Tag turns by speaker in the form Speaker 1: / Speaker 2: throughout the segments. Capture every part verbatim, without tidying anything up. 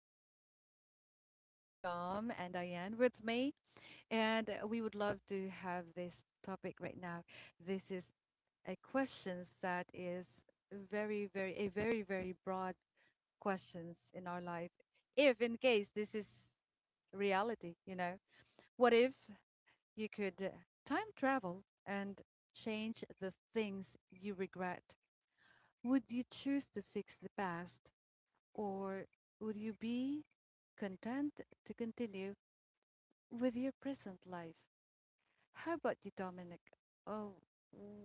Speaker 1: And I have here Dom and Diane with me. And uh, we would love to have this topic right now. This is a questions that is very, very, a very, very broad questions in our life. If in case this is reality, you know, what if you could uh, time travel and change the things you regret? Would you choose to fix the past or would you be content to continue with your present life? How about you, Dominic? Oh,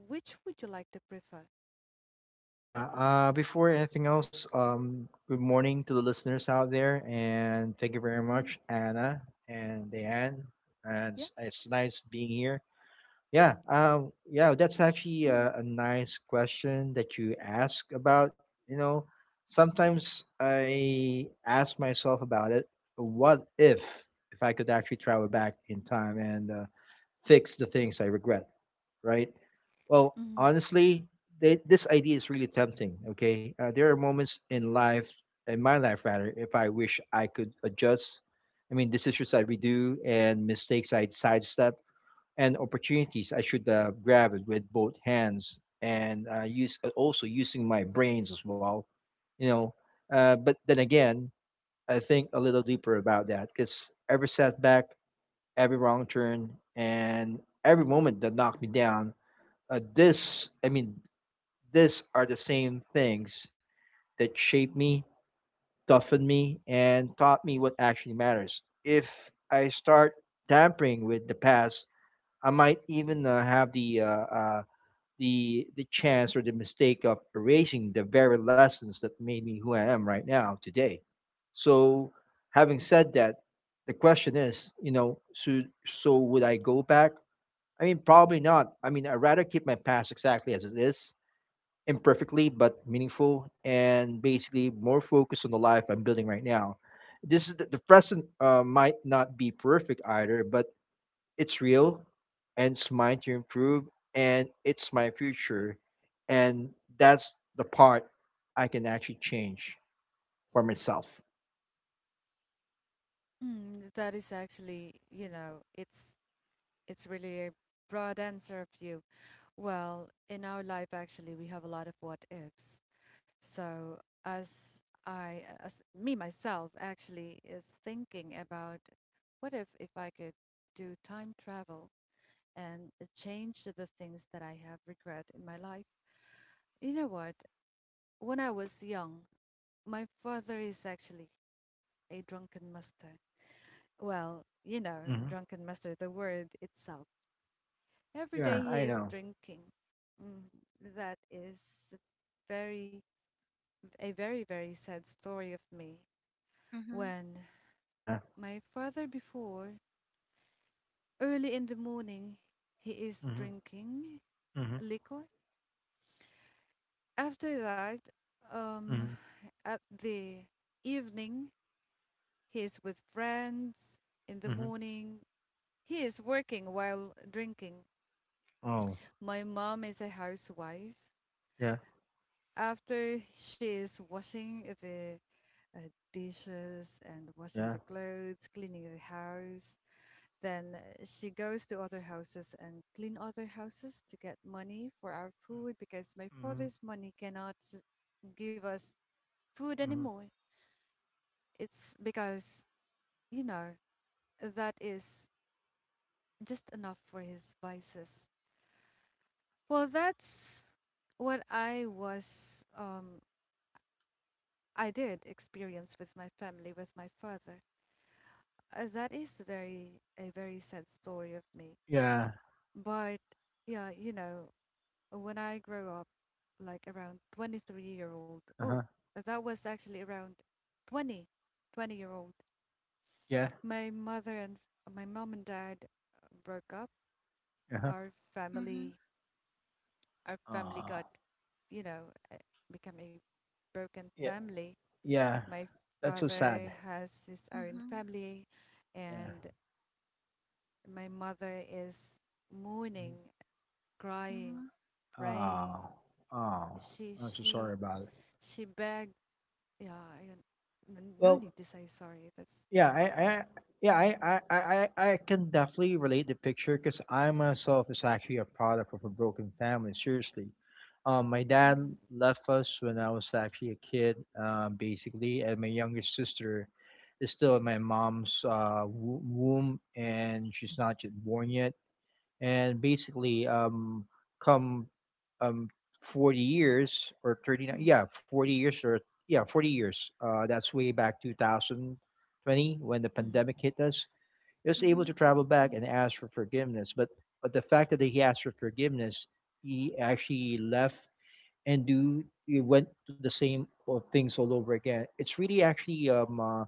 Speaker 1: which would you like to prefer?
Speaker 2: Yeah. Uh, before anything else, um, good morning to the listeners out there, and thank you very
Speaker 1: Mm,
Speaker 2: much, Anna and Diane. And
Speaker 1: yeah.
Speaker 2: it's, it's nice being here. Yeah. Uh, yeah. That's actually
Speaker 1: Mm,
Speaker 2: a, a nice question that you ask about. You know, sometimes I ask myself about it. What if if I could actually travel back in time and uh, fix the things I regret, right? Well,
Speaker 1: mm,
Speaker 2: honestly, they, this idea is really tempting. Okay, uh, there are moments in life, in my life rather, if I wish I could adjust. I mean, decisions I redo and mistakes I sidestep, and opportunities I should uh, grab it with both hands and uh, use uh, also using my brains as well. You know, uh, but then again, I think a little deeper about that, because every setback, every wrong turn, and every moment that knocked me down, uh, this I mean this are the same things that shaped me, toughened me, and taught me what actually matters. If I start tampering with the past, I might even uh, have the uh, uh, the the chance or the mistake of erasing the very lessons that made me who I am right now today. So, having said that, the question is, you know so so would I go back? I mean, probably not. I mean, I'd rather keep my past exactly as it is, imperfectly but meaningful, and basically more focused on the life I'm building right now. This is the, the present. Uh, might not be perfect either, but it's real, and it's mine to improve, and it's my future, and that's the part I can actually change for myself.
Speaker 1: mm. That is actually, you know, it's it's really a broad answer of you. Well, in our life, actually, we have a lot of what ifs. So as I, as me myself, actually is thinking about what if if I could do time travel and change the things that I have regret in my life. You know what? When I was young, my father is actually a drunken master. Well, you know,
Speaker 2: Mhm.
Speaker 1: drunken master, the word itself. Every
Speaker 2: Yeah,
Speaker 1: day he
Speaker 2: I
Speaker 1: is
Speaker 2: know.
Speaker 1: drinking. Mm, that is very a very very sad story of me
Speaker 3: Mhm.
Speaker 1: when
Speaker 2: Yeah.
Speaker 1: my father before early in the morning he is
Speaker 2: Mhm.
Speaker 1: drinking
Speaker 2: Mhm.
Speaker 1: liquor after that um
Speaker 2: Mhm.
Speaker 1: at the evening, he is with friends. In the
Speaker 2: Mhm.
Speaker 1: morning, he is working while drinking.
Speaker 2: Oh,
Speaker 1: My mom is a housewife.
Speaker 2: yeah.
Speaker 1: After she is washing the uh, dishes and washing the
Speaker 2: Yeah.
Speaker 1: clothes, cleaning the house, then uh, she goes to other houses and clean other houses to get money for our food because my
Speaker 2: Mhm.
Speaker 1: father's money cannot give us food
Speaker 2: Mhm.
Speaker 1: anymore. It's because, you know, that is just enough for his vices. Well, that's what I was, um, I did experience with my family, with my father. Uh, that is very, a very sad story of me.
Speaker 2: Yeah.
Speaker 1: But yeah, you know, when I grow up, like around twenty-three year old,
Speaker 2: Uh
Speaker 1: oh,
Speaker 2: huh.
Speaker 1: that was actually around twenty, twenty year old.
Speaker 2: Yeah.
Speaker 1: My mother and my mom and dad uh, broke up.
Speaker 2: Uh huh.
Speaker 1: Our
Speaker 3: Mhm.
Speaker 1: family, our family
Speaker 2: Uh,
Speaker 1: got, you know, become a broken family.
Speaker 2: Yeah,
Speaker 1: My
Speaker 2: that's so sad.
Speaker 1: father has his own
Speaker 3: Mhm.
Speaker 1: family,
Speaker 2: Yeah.
Speaker 1: and my mother is mourning,
Speaker 2: Mhm.
Speaker 1: crying,
Speaker 3: Mhm.
Speaker 1: praying.
Speaker 2: Oh, oh,
Speaker 1: She
Speaker 2: I'm so sorry
Speaker 1: she
Speaker 2: about it.
Speaker 1: she begged. Yeah, I, n- no
Speaker 2: Well,
Speaker 1: need to say sorry. That's that's
Speaker 2: yeah, I,
Speaker 1: fine.
Speaker 2: I, yeah, I, I, I, I I can definitely relate the picture, because I myself is actually a product of a broken family. Seriously, um, my dad
Speaker 1: Mm-hmm.
Speaker 2: left us when I was actually a kid, um, basically, and my youngest sister is still in my mom's uh, wo- womb, and she's not yet born yet. And basically, um, come um forty years or thirty-nine, yeah, forty years, or yeah, forty years, uh that's way back two thousand twenty, when the
Speaker 1: Mm-hmm.
Speaker 2: pandemic hit us. He was able to
Speaker 3: Mhm.
Speaker 2: travel back and ask for forgiveness, but but the fact that he asked for forgiveness, he actually left, and do he went to the same o- things all over again. It's really actually um uh,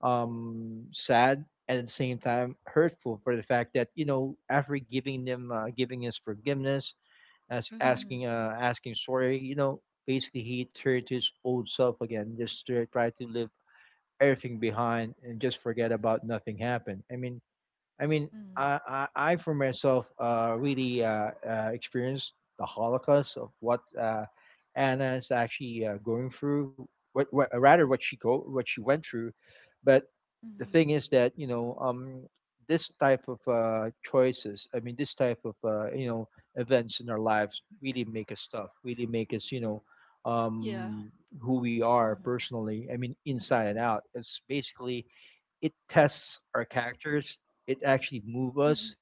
Speaker 2: um sad, and at the same time hurtful, for the fact that you know after giving them uh, giving his forgiveness, as
Speaker 3: Mhm.
Speaker 1: Mm-hmm.
Speaker 2: asking uh, asking sorry. You know, basically he turned to his old self again, just to try to leave everything behind and just forget about nothing happened. I mean, I mean,
Speaker 1: Mm-hmm.
Speaker 2: I I, I for myself uh, really uh, uh, experienced the Holocaust of what uh, Anna is actually uh, going through. What, what rather what she go what she went through. But the
Speaker 1: Mm-hmm.
Speaker 2: thing is that, you know um, this type of uh, choices. I mean, this type of uh, you know events in our lives really make us tough. Really make us, you know
Speaker 3: Yeah.
Speaker 2: um, who we are
Speaker 1: Mm-hmm.
Speaker 2: personally. I mean, inside and out. It's basically, it tests our characters. It actually move
Speaker 1: Mm-hmm.
Speaker 2: us,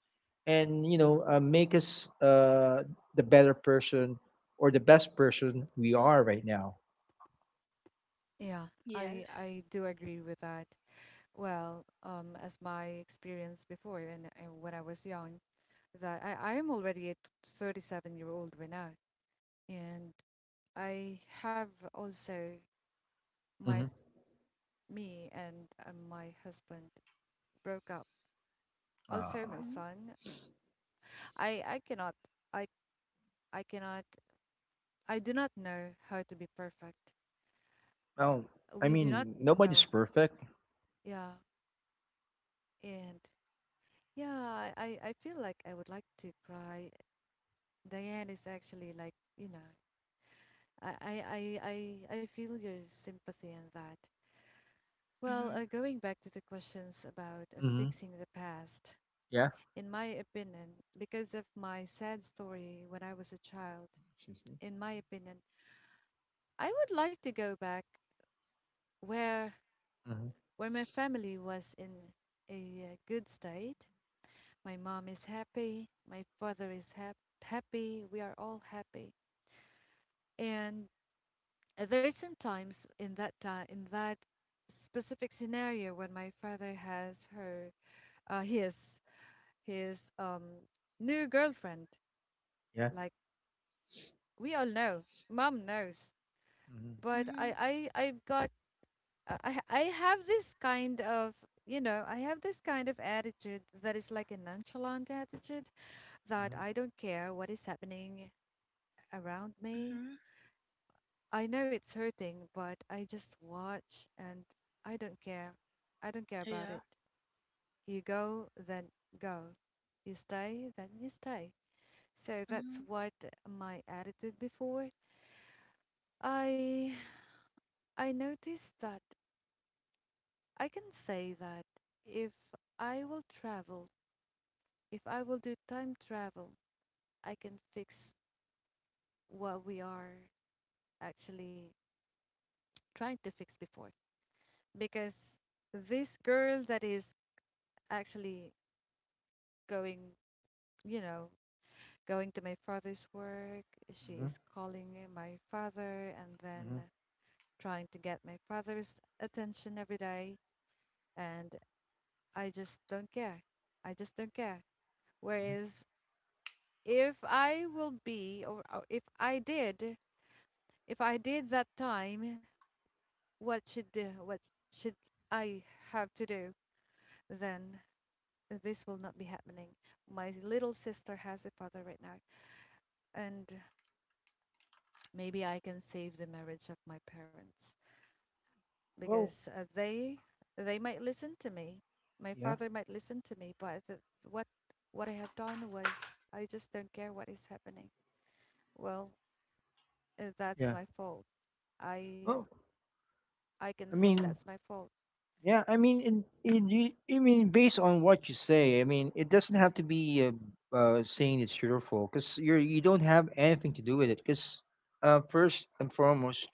Speaker 2: and you know uh, make us uh, the better person or the best person we are right now.
Speaker 1: Yeah, I
Speaker 3: Yes.
Speaker 1: I do agree with that. Well, um, as my experience before and, and when I was young, because I, I, I am already a thirty-seven year old Rena, and I have also my
Speaker 2: Hmm.
Speaker 1: me and uh, my husband broke up. Also
Speaker 2: Uh,
Speaker 1: my
Speaker 3: Mhm.
Speaker 1: son. I, I cannot I I cannot I do not know how to be perfect.
Speaker 2: well, I
Speaker 1: We do not
Speaker 2: mean,
Speaker 1: know.
Speaker 2: nobody's perfect.
Speaker 1: Yeah. And yeah, I, I I feel like I would like to cry. Diane is actually like, you know, I, I, I, I I feel your sympathy in that. Well,
Speaker 3: Mhm.
Speaker 1: uh, going back to the questions about uh,
Speaker 2: Mhm.
Speaker 1: fixing the past,
Speaker 2: Yeah.
Speaker 1: in my opinion, because of my sad story when I was a child,
Speaker 2: Excuse me.
Speaker 1: in my opinion, I would like to go back where
Speaker 2: Mhm.
Speaker 1: where my family was in a uh, good state. My mom is happy, my father is hap happy, we are all happy. And uh, there's sometimes in that time in that specific scenario when my father has her uh, his his um, new girlfriend.
Speaker 2: Yeah.
Speaker 1: Like we all know, mom knows.
Speaker 2: Mhm.
Speaker 1: But
Speaker 3: Mhm.
Speaker 1: I, I, I've got, uh, I, I have this kind of, you know, I have this kind of attitude that is like a nonchalant attitude
Speaker 2: Mhm.
Speaker 1: that I don't care what is happening around me.
Speaker 3: Mhm.
Speaker 1: I know it's hurting, but I just watch and I don't care. I don't care about
Speaker 3: Yeah.
Speaker 1: it. You go, then go. You stay, then you stay. So that's
Speaker 3: Mhm.
Speaker 1: what my attitude before I I noticed that I can say that if I will travel, if I will do time travel, I can fix what we are actually trying to fix before. Because this girl that is actually going, you know, going to my father's work, she
Speaker 2: Mhm.
Speaker 1: is calling my father and then
Speaker 2: Mhm.
Speaker 1: trying to get my father's attention every day, and I just don't care. I just don't care.
Speaker 2: Mhm.
Speaker 1: Whereas if I will be, or, or if I did, if I did that time, what should uh, what should I have to do? Then this will not be happening. My little sister has a father right now, and maybe I can save the marriage of my parents
Speaker 2: Well,
Speaker 1: because uh, they they might listen to me. My
Speaker 2: yeah.
Speaker 1: father might listen to me, but the, what what I have done was I just don't care what is happening. Well, uh, that's
Speaker 2: Yeah.
Speaker 1: my fault. I
Speaker 2: Well,
Speaker 1: I can
Speaker 2: I
Speaker 1: say
Speaker 2: mean,
Speaker 1: that's my fault,
Speaker 2: yeah. I mean, in, in, you- I mean, based on what you say, I mean, it doesn't have to be uh, uh, saying it's cheerful, because you're you don't have anything to do with it. Because uh, first and foremost,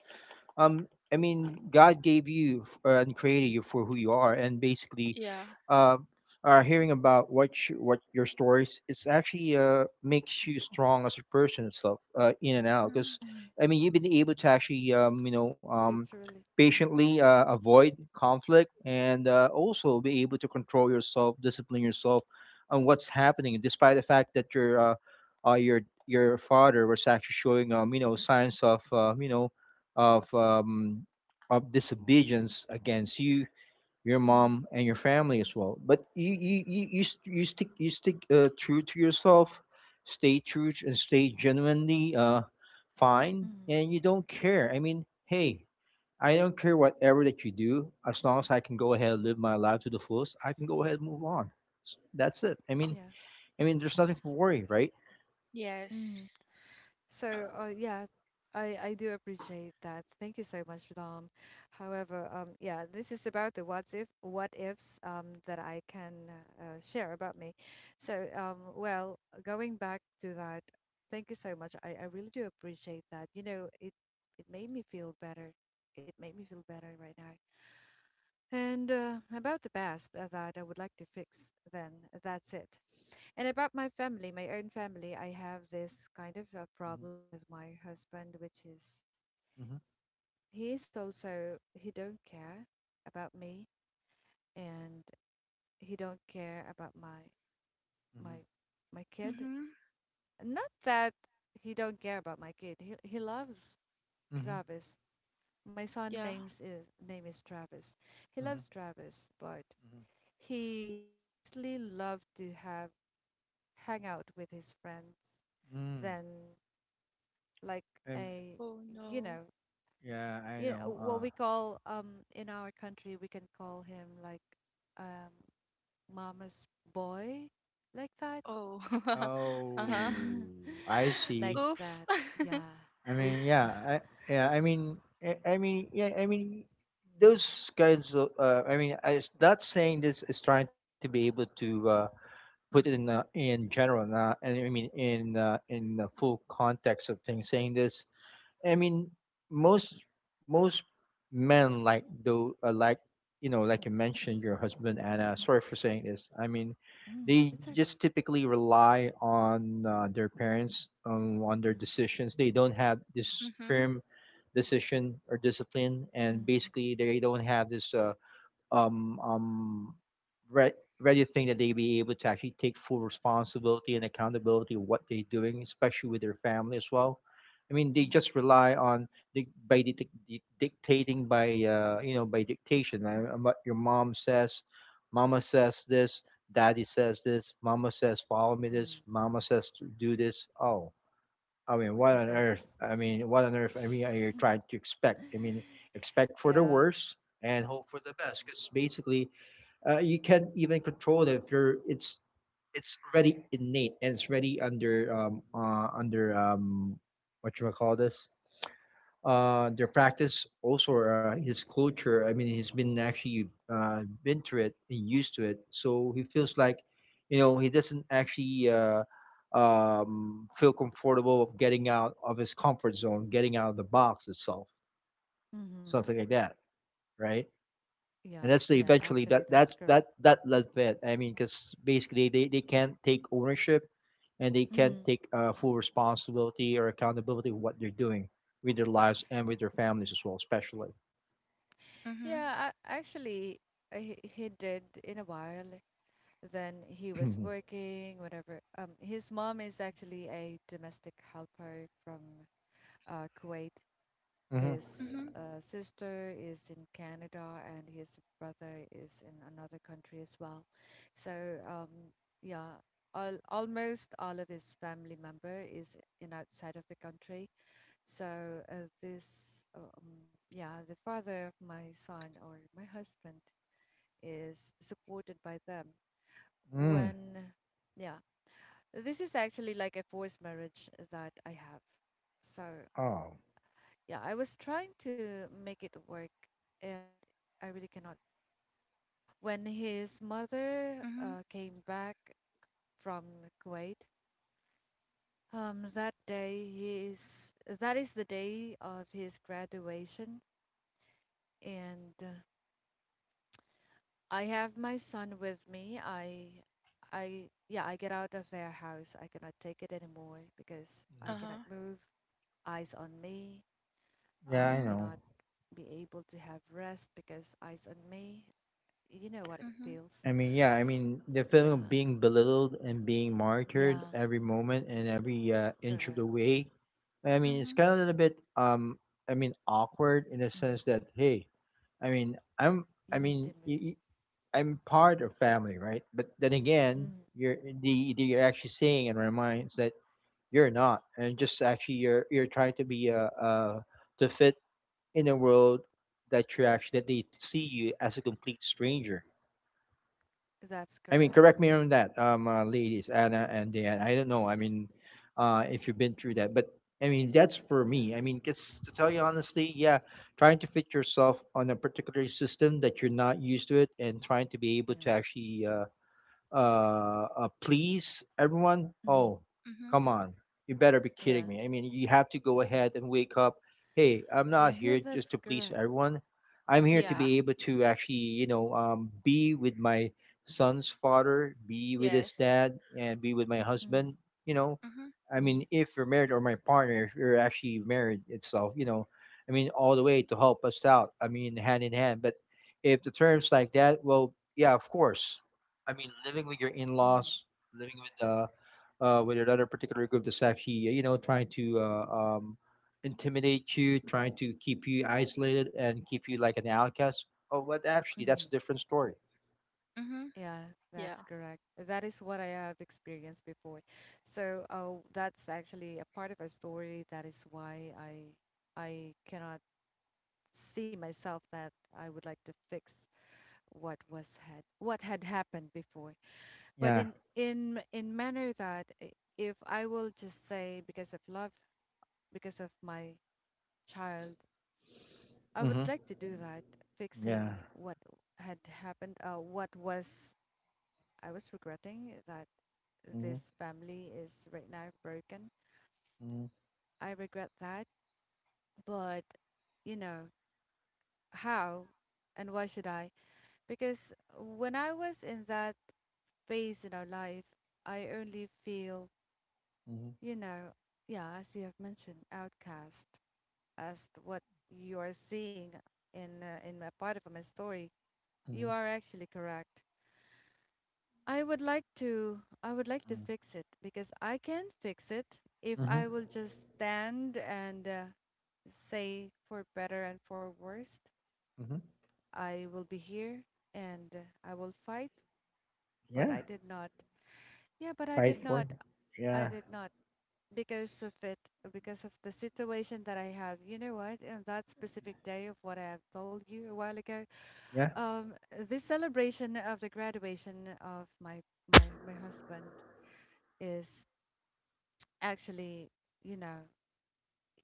Speaker 2: um i mean God gave you f- uh, and created you for who you are, and basically
Speaker 3: Yeah.
Speaker 2: uh, uh hearing about what you, what your stories, it's actually uh makes you strong as a person itself, uh in and out.
Speaker 3: Mhm.
Speaker 2: Because
Speaker 1: Mm,
Speaker 2: I mean, you've been able to actually um you know um
Speaker 1: literally.
Speaker 2: patiently uh, avoid conflict and uh, also be able to control yourself, discipline yourself on what's happening, despite the fact that your uh, uh your your father was actually showing, um you know signs of uh, you know of um, of disobedience against you, your
Speaker 1: mm,
Speaker 2: mom, and your family as well. But you you you you, st- you stick you stick uh, true to yourself, stay true and stay genuinely uh, fine,
Speaker 1: mm,
Speaker 2: and you don't care. I mean, hey. I don't care whatever that you do, as long as I can go ahead and live my life to the fullest, I can go ahead and move on. S- That's it. I mean,
Speaker 1: Yeah.
Speaker 2: I mean, there's nothing to worry, right?
Speaker 1: mm.
Speaker 3: Yes.
Speaker 1: So, uh, yeah, I I do appreciate that. Thank you so much, Dom. However, um, yeah, this is about the what's if what ifs um that I can uh, uh, share about me. So, um, well, going back to that, thank you so much. I I really do appreciate that. You know, it it made me feel better. It made me feel better right now. And uh, about the past uh, that I would like to fix, then that's it. And about my family, my own family, I have this kind of a problem with my husband, which is
Speaker 2: Mm-hmm.
Speaker 1: he is also he don't care about me, and he don't care about my
Speaker 2: Mm-hmm.
Speaker 1: my my kid.
Speaker 3: Mhm.
Speaker 1: Not that he don't care about my kid. He he loves
Speaker 2: Mm-hmm.
Speaker 1: Travis. My son
Speaker 3: Yeah.
Speaker 1: names is name is Travis. He loves Travis, but
Speaker 2: Mm-hmm.
Speaker 1: he mostly loved to have hang out with his friends
Speaker 2: Mm-hmm.
Speaker 1: than like
Speaker 2: Mm-hmm.
Speaker 1: a
Speaker 3: Oh
Speaker 1: you
Speaker 3: no.
Speaker 1: know,
Speaker 2: Yeah, I
Speaker 1: you know
Speaker 2: know.
Speaker 1: what
Speaker 2: Uh,
Speaker 1: we call um in our country we can call him like um mama's boy, like that.
Speaker 3: Oh. Uh-huh.
Speaker 2: oh, I
Speaker 1: Like
Speaker 2: see.
Speaker 3: Oof.
Speaker 1: that, yeah.
Speaker 2: I mean, yeah,
Speaker 1: Oops.
Speaker 2: I, yeah. I mean, I, I mean, yeah. I mean, those guys. Uh, uh, I mean, I, it's not saying this is trying to be able to uh, put it in uh,
Speaker 1: Mm-hmm.
Speaker 2: in general, uh, and I mean in uh, in the full context of things. Saying this, I mean, most most men like though uh, like, you know like you mentioned your husband, Anna. Sorry for saying this. I mean,
Speaker 1: Mm,
Speaker 2: they
Speaker 1: it's okay.
Speaker 2: just typically rely on uh, their parents um, on their
Speaker 1: mm,
Speaker 2: decisions. They don't have this
Speaker 3: Mhm.
Speaker 2: firm decision or discipline,
Speaker 1: mm,
Speaker 2: and
Speaker 1: mm,
Speaker 2: basically they don't have this. Uh, um um where where do think that they be able to actually take full responsibility and accountability of what they're doing, especially with their family as well? I mean, they
Speaker 1: mm,
Speaker 2: just rely on dic- by dic- dic- dictating by uh, you know by dictation.
Speaker 1: mm,
Speaker 2: I, I'm what your mom says, mama says this, daddy says this, mama says follow me
Speaker 1: mm.
Speaker 2: this, mama says to do this. Oh, I mean, what
Speaker 1: And
Speaker 2: on earth?
Speaker 1: that's
Speaker 2: I mean, what on earth? I mean, you're trying to expect. I mean, expect for the
Speaker 1: yeah.
Speaker 2: worst and hope for the best. Because basically, uh, you can't even control it if you're. It's it's already innate, and it's already under um uh under um what you call this, uh their practice, also uh, his culture. I mean, he's been actually uh been to it and used to it, so he feels like, you know he doesn't actually uh um feel comfortable of getting out of his comfort zone, getting out of the box itself,
Speaker 1: Mm-hmm.
Speaker 2: something like that, right? And
Speaker 1: yeah
Speaker 2: that's the
Speaker 1: yeah,
Speaker 2: eventually
Speaker 1: actually
Speaker 2: that
Speaker 1: that's
Speaker 2: that's
Speaker 1: correct.
Speaker 2: that that led to it. I mean, because basically they they can't take ownership, and they can't
Speaker 1: Hmm.
Speaker 2: take uh, full responsibility or accountability of what they're doing with their lives and with their families as well, especially.
Speaker 3: Mhm.
Speaker 1: Yeah, a- actually, uh, he, he did in a while. Then he was
Speaker 2: Mhm.
Speaker 1: working, whatever. Um, his mom is actually a domestic helper from uh, Kuwait.
Speaker 2: Mhm.
Speaker 1: His
Speaker 3: Mhm.
Speaker 1: uh, sister is in Canada, and his brother is in another country as well. So, um, yeah, all, almost all of his family member is in outside of the country. So uh, this, uh, um, yeah, the father of my son or my husband is supported by them.
Speaker 2: Mm.
Speaker 1: When, yeah, this is actually like a forced marriage that I have. So
Speaker 2: Oh.
Speaker 1: yeah, I was trying to make it work, and I really cannot do it anymore. When his mother
Speaker 3: Mhm.
Speaker 1: uh, came back from Kuwait, um, that day he is that is the day of his graduation and. uh, I have my son with me. I, I, yeah, I get out of their house. I cannot take it anymore because
Speaker 2: Mhm.
Speaker 1: I cannot
Speaker 3: Uh-huh.
Speaker 1: move. Eyes on me.
Speaker 2: Yeah, I
Speaker 1: I
Speaker 3: Mhm.
Speaker 2: know.
Speaker 1: cannot be able to have rest because eyes on me. You know what it
Speaker 3: Mhm.
Speaker 1: feels.
Speaker 2: I mean, yeah, I mean, the feeling of
Speaker 1: Yeah,
Speaker 2: being belittled and being monitored
Speaker 1: yeah,
Speaker 2: every moment and every uh, inch of the
Speaker 1: correct.
Speaker 2: way. I mean, it's
Speaker 3: Mhm.
Speaker 2: kind of a
Speaker 1: Yeah.
Speaker 2: little bit, um, I mean, awkward in the
Speaker 1: Mhm.
Speaker 2: sense that, hey, I mean, I'm, I
Speaker 1: You need
Speaker 2: mean,
Speaker 1: to
Speaker 2: y-
Speaker 1: move.
Speaker 2: y- I'm part of family, right? But then again,
Speaker 1: Mhm.
Speaker 2: you're the, the you're actually saying in our minds that you're not, and just actually you're you're trying to be uh, uh to fit in a world that you actually that they see you as a complete stranger.
Speaker 1: That's
Speaker 2: I mean,
Speaker 1: correct.
Speaker 2: correct me on that, um, uh, ladies, Anna and Dan. I don't know. I mean, uh, if you've been through that. But I mean, that's for me. I
Speaker 1: Yeah,
Speaker 2: mean, 'cause to tell you honestly, yeah, trying to fit yourself on a particular system that you're not used to it, and trying to be able
Speaker 1: yeah,
Speaker 2: to actually uh, uh, uh please everyone.
Speaker 1: mhm,
Speaker 2: Oh,
Speaker 3: Mhm.
Speaker 2: come on, you better be
Speaker 1: yeah,
Speaker 2: kidding me. I mean, you have to go ahead and wake up. Hey, I'm
Speaker 1: yeah,
Speaker 2: not
Speaker 1: yeah.
Speaker 2: here
Speaker 1: That's
Speaker 2: just to
Speaker 1: correct.
Speaker 2: please everyone. I'm here to
Speaker 3: Yeah.
Speaker 2: be able to actually, you know um, be with my son's father, be with his
Speaker 3: Yes.
Speaker 2: dad, and be with my
Speaker 1: Mm-hmm.
Speaker 2: husband you know
Speaker 3: Mhm.
Speaker 2: I
Speaker 1: Mm-hmm.
Speaker 2: mean, if you're married, or my partner, if you're actually married itself you know I mean, all the way to help us out. I mean, hand in hand. But if the terms like that, well, yeah, of course. I mean, living with your
Speaker 1: Mm-hmm,
Speaker 2: in-laws, living with uh, uh with another particular group that's actually uh, you know trying to uh, um intimidate you, trying to keep you isolated and keep you like an outcast. Oh, but actually,
Speaker 1: mm-hmm.
Speaker 2: that's a different story.
Speaker 3: Mhm.
Speaker 1: Yeah, that's
Speaker 3: Yeah.
Speaker 1: correct. That is what I have experienced before. So, uh, that's actually a part of a story. That is why I I cannot see myself that I would like to fix what was had what had happened before. But
Speaker 2: Yeah.
Speaker 1: in in in manner that i- if I will just say because of love, because of my child, I would
Speaker 2: Mm-hmm.
Speaker 1: like to do that,
Speaker 2: Yeah.
Speaker 1: fixing what had happened, uh, what was I was regretting that
Speaker 2: Mm-hmm.
Speaker 1: this family is right now broken. I regret that, but you know, how and why should I? Because when I was in that phase in our life, I only feel,
Speaker 2: Mm-hmm.
Speaker 1: you know, yeah, as you have mentioned, outcast, as th- what you are seeing in uh, in a part of my story.
Speaker 2: Mm-hmm.
Speaker 1: You are actually correct. I would like to I would like to fix it because I can fix it if
Speaker 2: Mm-hmm. Mm-hmm.
Speaker 1: I will just stand and uh, say for better and for worst,
Speaker 2: Mm-hmm.
Speaker 1: I will be here and I will fight, but
Speaker 2: Yeah.
Speaker 1: I did not. Yeah, but I
Speaker 2: Fight
Speaker 1: did
Speaker 2: for
Speaker 1: not.
Speaker 2: you.
Speaker 1: I
Speaker 2: Yeah.
Speaker 1: did not because of it, because of the situation that I have. You know what? On that specific day of what I have told you a while ago,
Speaker 2: Yeah.
Speaker 1: um, this celebration of the graduation of my my my husband is actually, you know,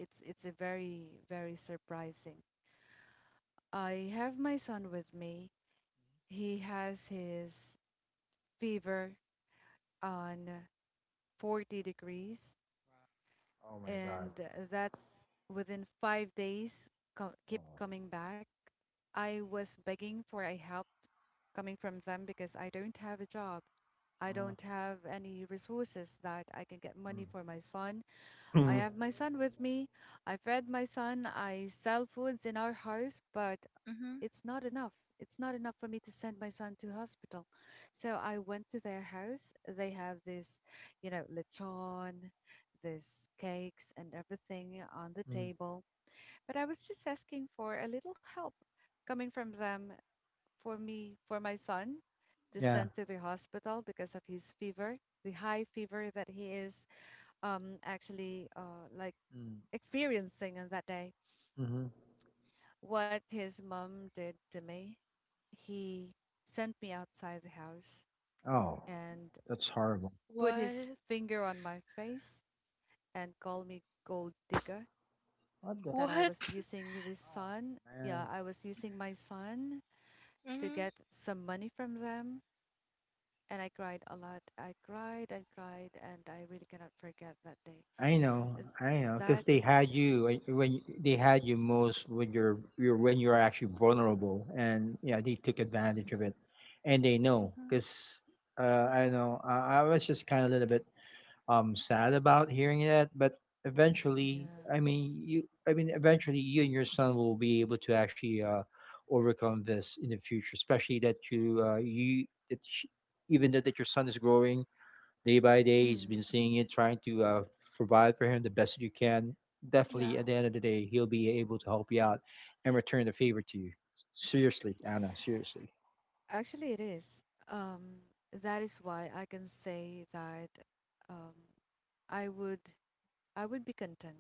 Speaker 1: it's it's a very very surprising. I have my son with me. He has his fever on forty degrees,
Speaker 2: Oh my God.
Speaker 1: and that's within five days, co- keep
Speaker 2: Oh.
Speaker 1: coming back. I was begging for a help coming from them because I don't have a job. I don't have any resources that I can get money for my son. I
Speaker 2: Mm-hmm.
Speaker 1: have my son with me. I fed my son. I sell foods in our house, but
Speaker 3: Mhm.
Speaker 1: it's not enough. It's not enough for me to send my son to hospital. So I went to their house. They have this, you know, lechon, this cakes and everything on the
Speaker 2: Mm-hmm.
Speaker 1: table. But I was just asking for a little help coming from them for me, for my son to
Speaker 2: Yeah.
Speaker 1: send to the hospital because of his fever, the high fever that he is um, actually uh, like experiencing on that day
Speaker 2: Mm-hmm.
Speaker 1: what his mom did to me. He sent me outside the house
Speaker 2: Oh,
Speaker 1: and
Speaker 2: that's horrible.
Speaker 1: put his
Speaker 3: What?
Speaker 1: finger on my face and called me gold digger.
Speaker 2: What the?
Speaker 1: That I was
Speaker 3: What?
Speaker 1: using this
Speaker 2: Oh
Speaker 1: son, yeah,
Speaker 2: man,
Speaker 1: I was using my son to get
Speaker 3: Mhm.
Speaker 1: some money from them. And I cried a lot. I cried and cried, and I really cannot forget that day.
Speaker 2: I know,
Speaker 1: Th-
Speaker 2: I know,
Speaker 1: That,
Speaker 2: because they had you like, when you, they had you most when you're, you're when you're actually vulnerable, and yeah, they took advantage of it, and they know
Speaker 3: Mhm.
Speaker 2: because uh, I know, I, I was just kind of a little bit um sad about hearing that, but eventually,
Speaker 1: yeah,
Speaker 2: I mean, you, I mean, eventually, you and your son will be able to actually uh, overcome this in the future, especially that you uh, you that sh even though that your son is growing day by day. He's
Speaker 1: mm,
Speaker 2: been seeing it, trying to uh, provide for him the best that you can. Definitely,
Speaker 3: Yeah.
Speaker 2: at the end of the day, he'll be able to help you out and return the favor to you. Seriously, Anna. Seriously.
Speaker 1: actually, it is. Um, that is why I can say that um, I would I would be content.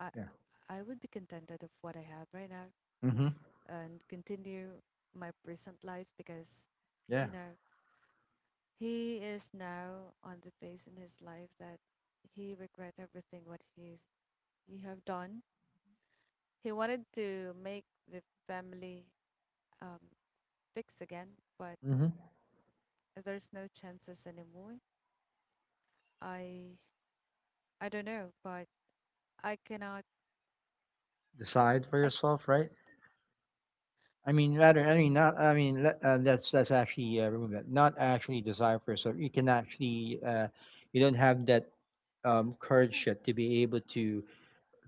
Speaker 1: I
Speaker 2: Yeah.
Speaker 1: I would be contented of what I have right now
Speaker 2: Mm-hmm.
Speaker 1: and continue my present life because
Speaker 2: Yeah.
Speaker 1: you know he is now on the phase in his life that he regret everything what he's he have done. He wanted to make the family um, fix again, but
Speaker 2: Mm-hmm.
Speaker 1: there's no chances anymore. I I don't know, but I cannot.
Speaker 2: Decide for
Speaker 1: I
Speaker 2: yourself, right? I mean, rather, I mean, not. I mean, let- uh, that's that's actually uh, remove that. Not actually desire for yourself. You can actually, uh, you don't have that um, courage yet to be able to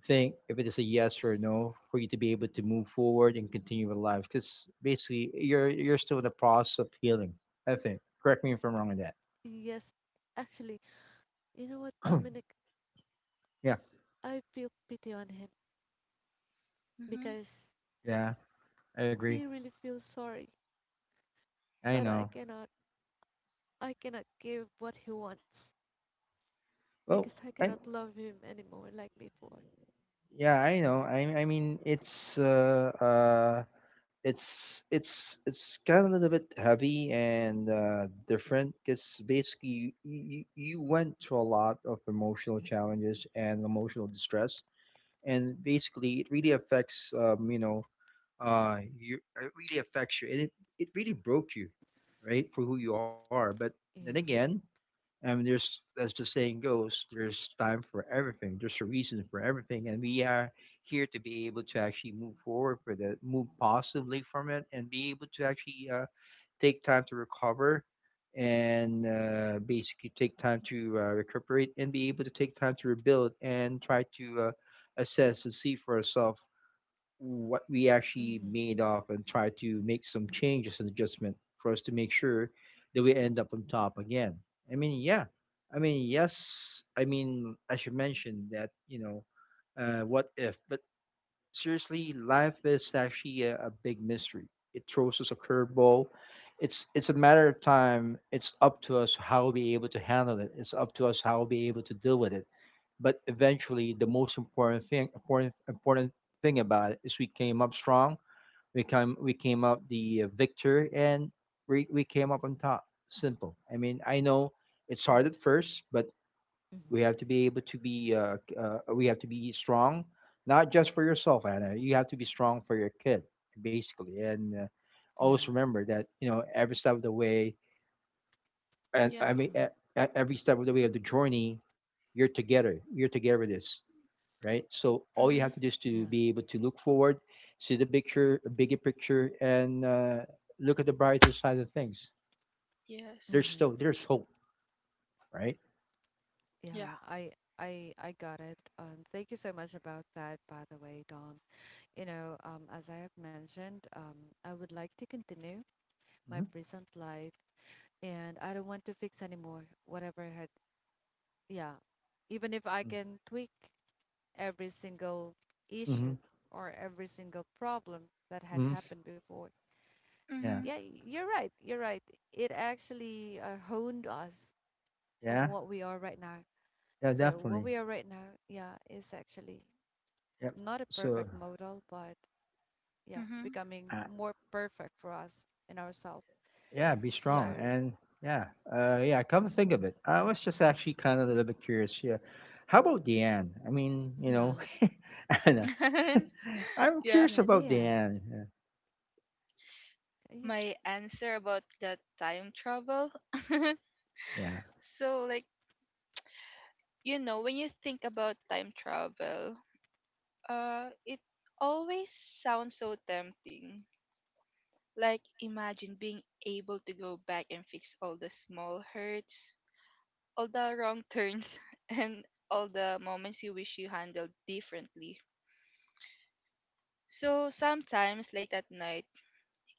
Speaker 2: think if it is a yes or a no for you to be able to move forward and continue with life because basically you're you're still in the process of healing. I think, correct me if I'm wrong on that.
Speaker 1: yes, actually, you know what, Dominic?
Speaker 2: Yeah,
Speaker 1: I feel pity on him
Speaker 3: Mhm.
Speaker 1: because
Speaker 2: yeah, I agree.
Speaker 1: he really feels sorry,
Speaker 2: I
Speaker 1: but I
Speaker 2: know.
Speaker 1: cannot I cannot give what he wants
Speaker 2: Well,
Speaker 1: because I
Speaker 2: I,
Speaker 1: cannot love him anymore like before.
Speaker 2: yeah, I know, i i mean it's uh uh it's it's it's kind of a little bit heavy and uh different because basically you, you you went through a lot of emotional challenges and emotional distress, and basically it really affects um, you know, uh you, it really affects you, and it, it really broke you, right, for who you are. But then
Speaker 1: Yeah.
Speaker 2: again, um there's, as the saying goes, there's time for everything, there's a reason for everything, and we are here to be able to actually move forward for that, move positively from it, and be able to actually uh take time to recover, and uh, basically take time to uh, recuperate, and be able to take time to rebuild, and try to uh, assess and see for ourselves what we actually
Speaker 1: Mm-hmm.
Speaker 2: made of, and try to make some changes and adjustment for us to make sure that we end up on top again. I mean, yeah. I mean, yes. I mean, I should mention that, you know, uh, what if? But seriously, life is actually a, a big mystery. It throws us a curveball. It's it's a matter of time. It's up to us how we'll be able to handle it. It's up to us how we'll be able to deal with it. But eventually, the most important thing, important important thing about it is we came up strong. We came we came up the uh, victor, and we we came up on top. Simple. I mean, I know it's hard at
Speaker 1: Mm-hmm.
Speaker 2: first, but
Speaker 1: Mm-hmm.
Speaker 2: we have to be able to be uh, uh, we have to be strong, not just for yourself, Anna. You have to be strong for your kid, basically, and uh, always
Speaker 1: Yeah.
Speaker 2: remember that, you know, every step of the way. And i
Speaker 3: Yeah.
Speaker 2: mean e-
Speaker 1: Mm-hmm.
Speaker 2: e- every step of the way of the journey, you're together you're together with this, right? So all you have to do
Speaker 3: Mhm.
Speaker 2: is to be
Speaker 1: Yeah.
Speaker 2: able to look forward, see the picture, bigger picture, and uh, look at the brighter side of things. There's
Speaker 3: Yes.
Speaker 1: Mm-hmm.
Speaker 2: still, there's hope, right?
Speaker 3: Yeah.
Speaker 1: Yeah. I I I got it. Um, thank you so much about that, by the way, Dom. You know, um, as I have mentioned, um, I would like to continue my
Speaker 2: Mm-hmm.
Speaker 1: present life, and I don't want to fix anymore whatever had yeah, even if I can tweak every single
Speaker 2: Mm-hmm.
Speaker 1: issue or every single problem that had
Speaker 2: Hmm.
Speaker 1: happened before.
Speaker 2: Yeah.
Speaker 3: Mhm.
Speaker 1: Yeah, you're right. You're right. It actually uh, honed us on
Speaker 2: Yeah,
Speaker 1: what we are right now.
Speaker 2: yeah,
Speaker 1: So what
Speaker 2: definitely.
Speaker 1: we are right now, yeah, is actually
Speaker 2: Yep.
Speaker 1: not a
Speaker 2: So,
Speaker 1: perfect model, but yeah,
Speaker 3: Mhm.
Speaker 1: becoming
Speaker 2: uh,
Speaker 1: more perfect for us and ourselves.
Speaker 2: yeah, be strong.
Speaker 3: Yeah.
Speaker 1: So
Speaker 2: And yeah, uh, yeah, come to think of it, I was just actually kind of a little bit curious. Yeah. How about Deanne? I mean, you know,
Speaker 1: yeah,
Speaker 2: Anna. I'm
Speaker 3: Yeah.
Speaker 2: curious
Speaker 1: yeah,
Speaker 2: about
Speaker 1: Diane.
Speaker 2: Deanne.
Speaker 1: Yeah.
Speaker 3: My answer about that time travel.
Speaker 2: Yeah. Yeah.
Speaker 3: So like, you know, when you think about time travel, uh it always sounds so tempting. Like imagine being able to go back and fix all the small hurts, all the wrong turns and all the moments you wish you handled differently. So sometimes late at night,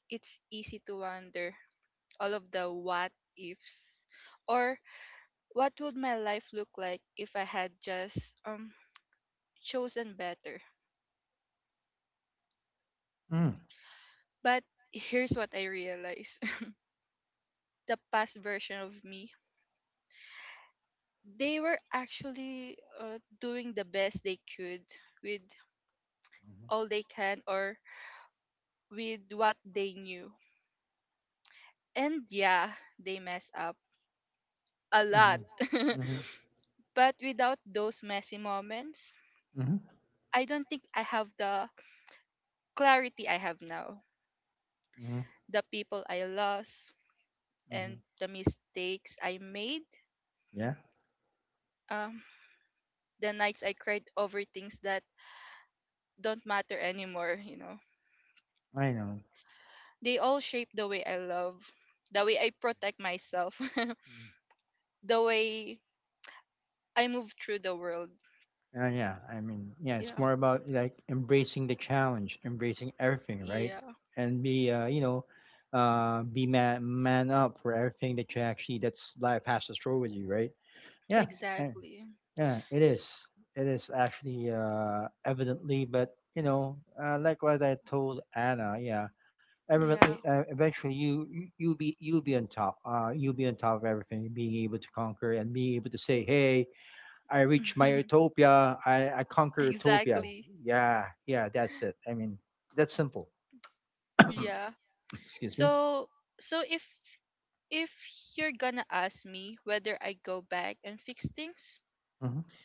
Speaker 3: it's easy to wonder all of the what ifs, or what would my life look like if I had just um chosen better.
Speaker 2: Mm.
Speaker 3: But here's what I realized. The past version of me, they were actually uh, doing the best they could with all they can, or with what they knew. And yeah, they mess up a lot.
Speaker 2: Mm-hmm. Mm-hmm.
Speaker 3: But without those messy moments,
Speaker 2: Mm-hmm.
Speaker 3: I don't think I have the clarity I have now.
Speaker 2: Mm-hmm.
Speaker 3: The people I lost and
Speaker 2: Mm-hmm.
Speaker 3: the mistakes I made,
Speaker 2: Yeah.
Speaker 3: um, the nights I cried over things that don't matter anymore, you know.
Speaker 2: I know.
Speaker 3: They all shape the way I love, the way I protect myself,
Speaker 2: Mm-hmm.
Speaker 3: the way I move through the world.
Speaker 2: Uh, yeah, I mean, yeah, it's
Speaker 3: Yeah.
Speaker 2: more about like embracing the challenge, embracing everything, right?
Speaker 3: Yeah,
Speaker 2: And be, uh, you know, uh, be man, man up for everything that you actually, that's life has to throw with you, right? Yeah, eh,
Speaker 3: exactly.
Speaker 2: yeah, it
Speaker 3: S-
Speaker 2: is. It is actually uh, evidently, but you know, uh, like what I told Anna, yeah, evidently,
Speaker 3: Yeah.
Speaker 2: uh, eventually you you you'll be, you'll be on top. Uh, you'll be on top of everything, being able to conquer and being able to say, hey, I reach my utopia. I, I conquer utopia.
Speaker 3: Exactly.
Speaker 2: Yeah, yeah, that's it. I mean, that's simple.
Speaker 3: Yeah.
Speaker 2: Excuse me.
Speaker 3: So so if if you're gonna ask me whether I go back and fix things,
Speaker 2: Hmm.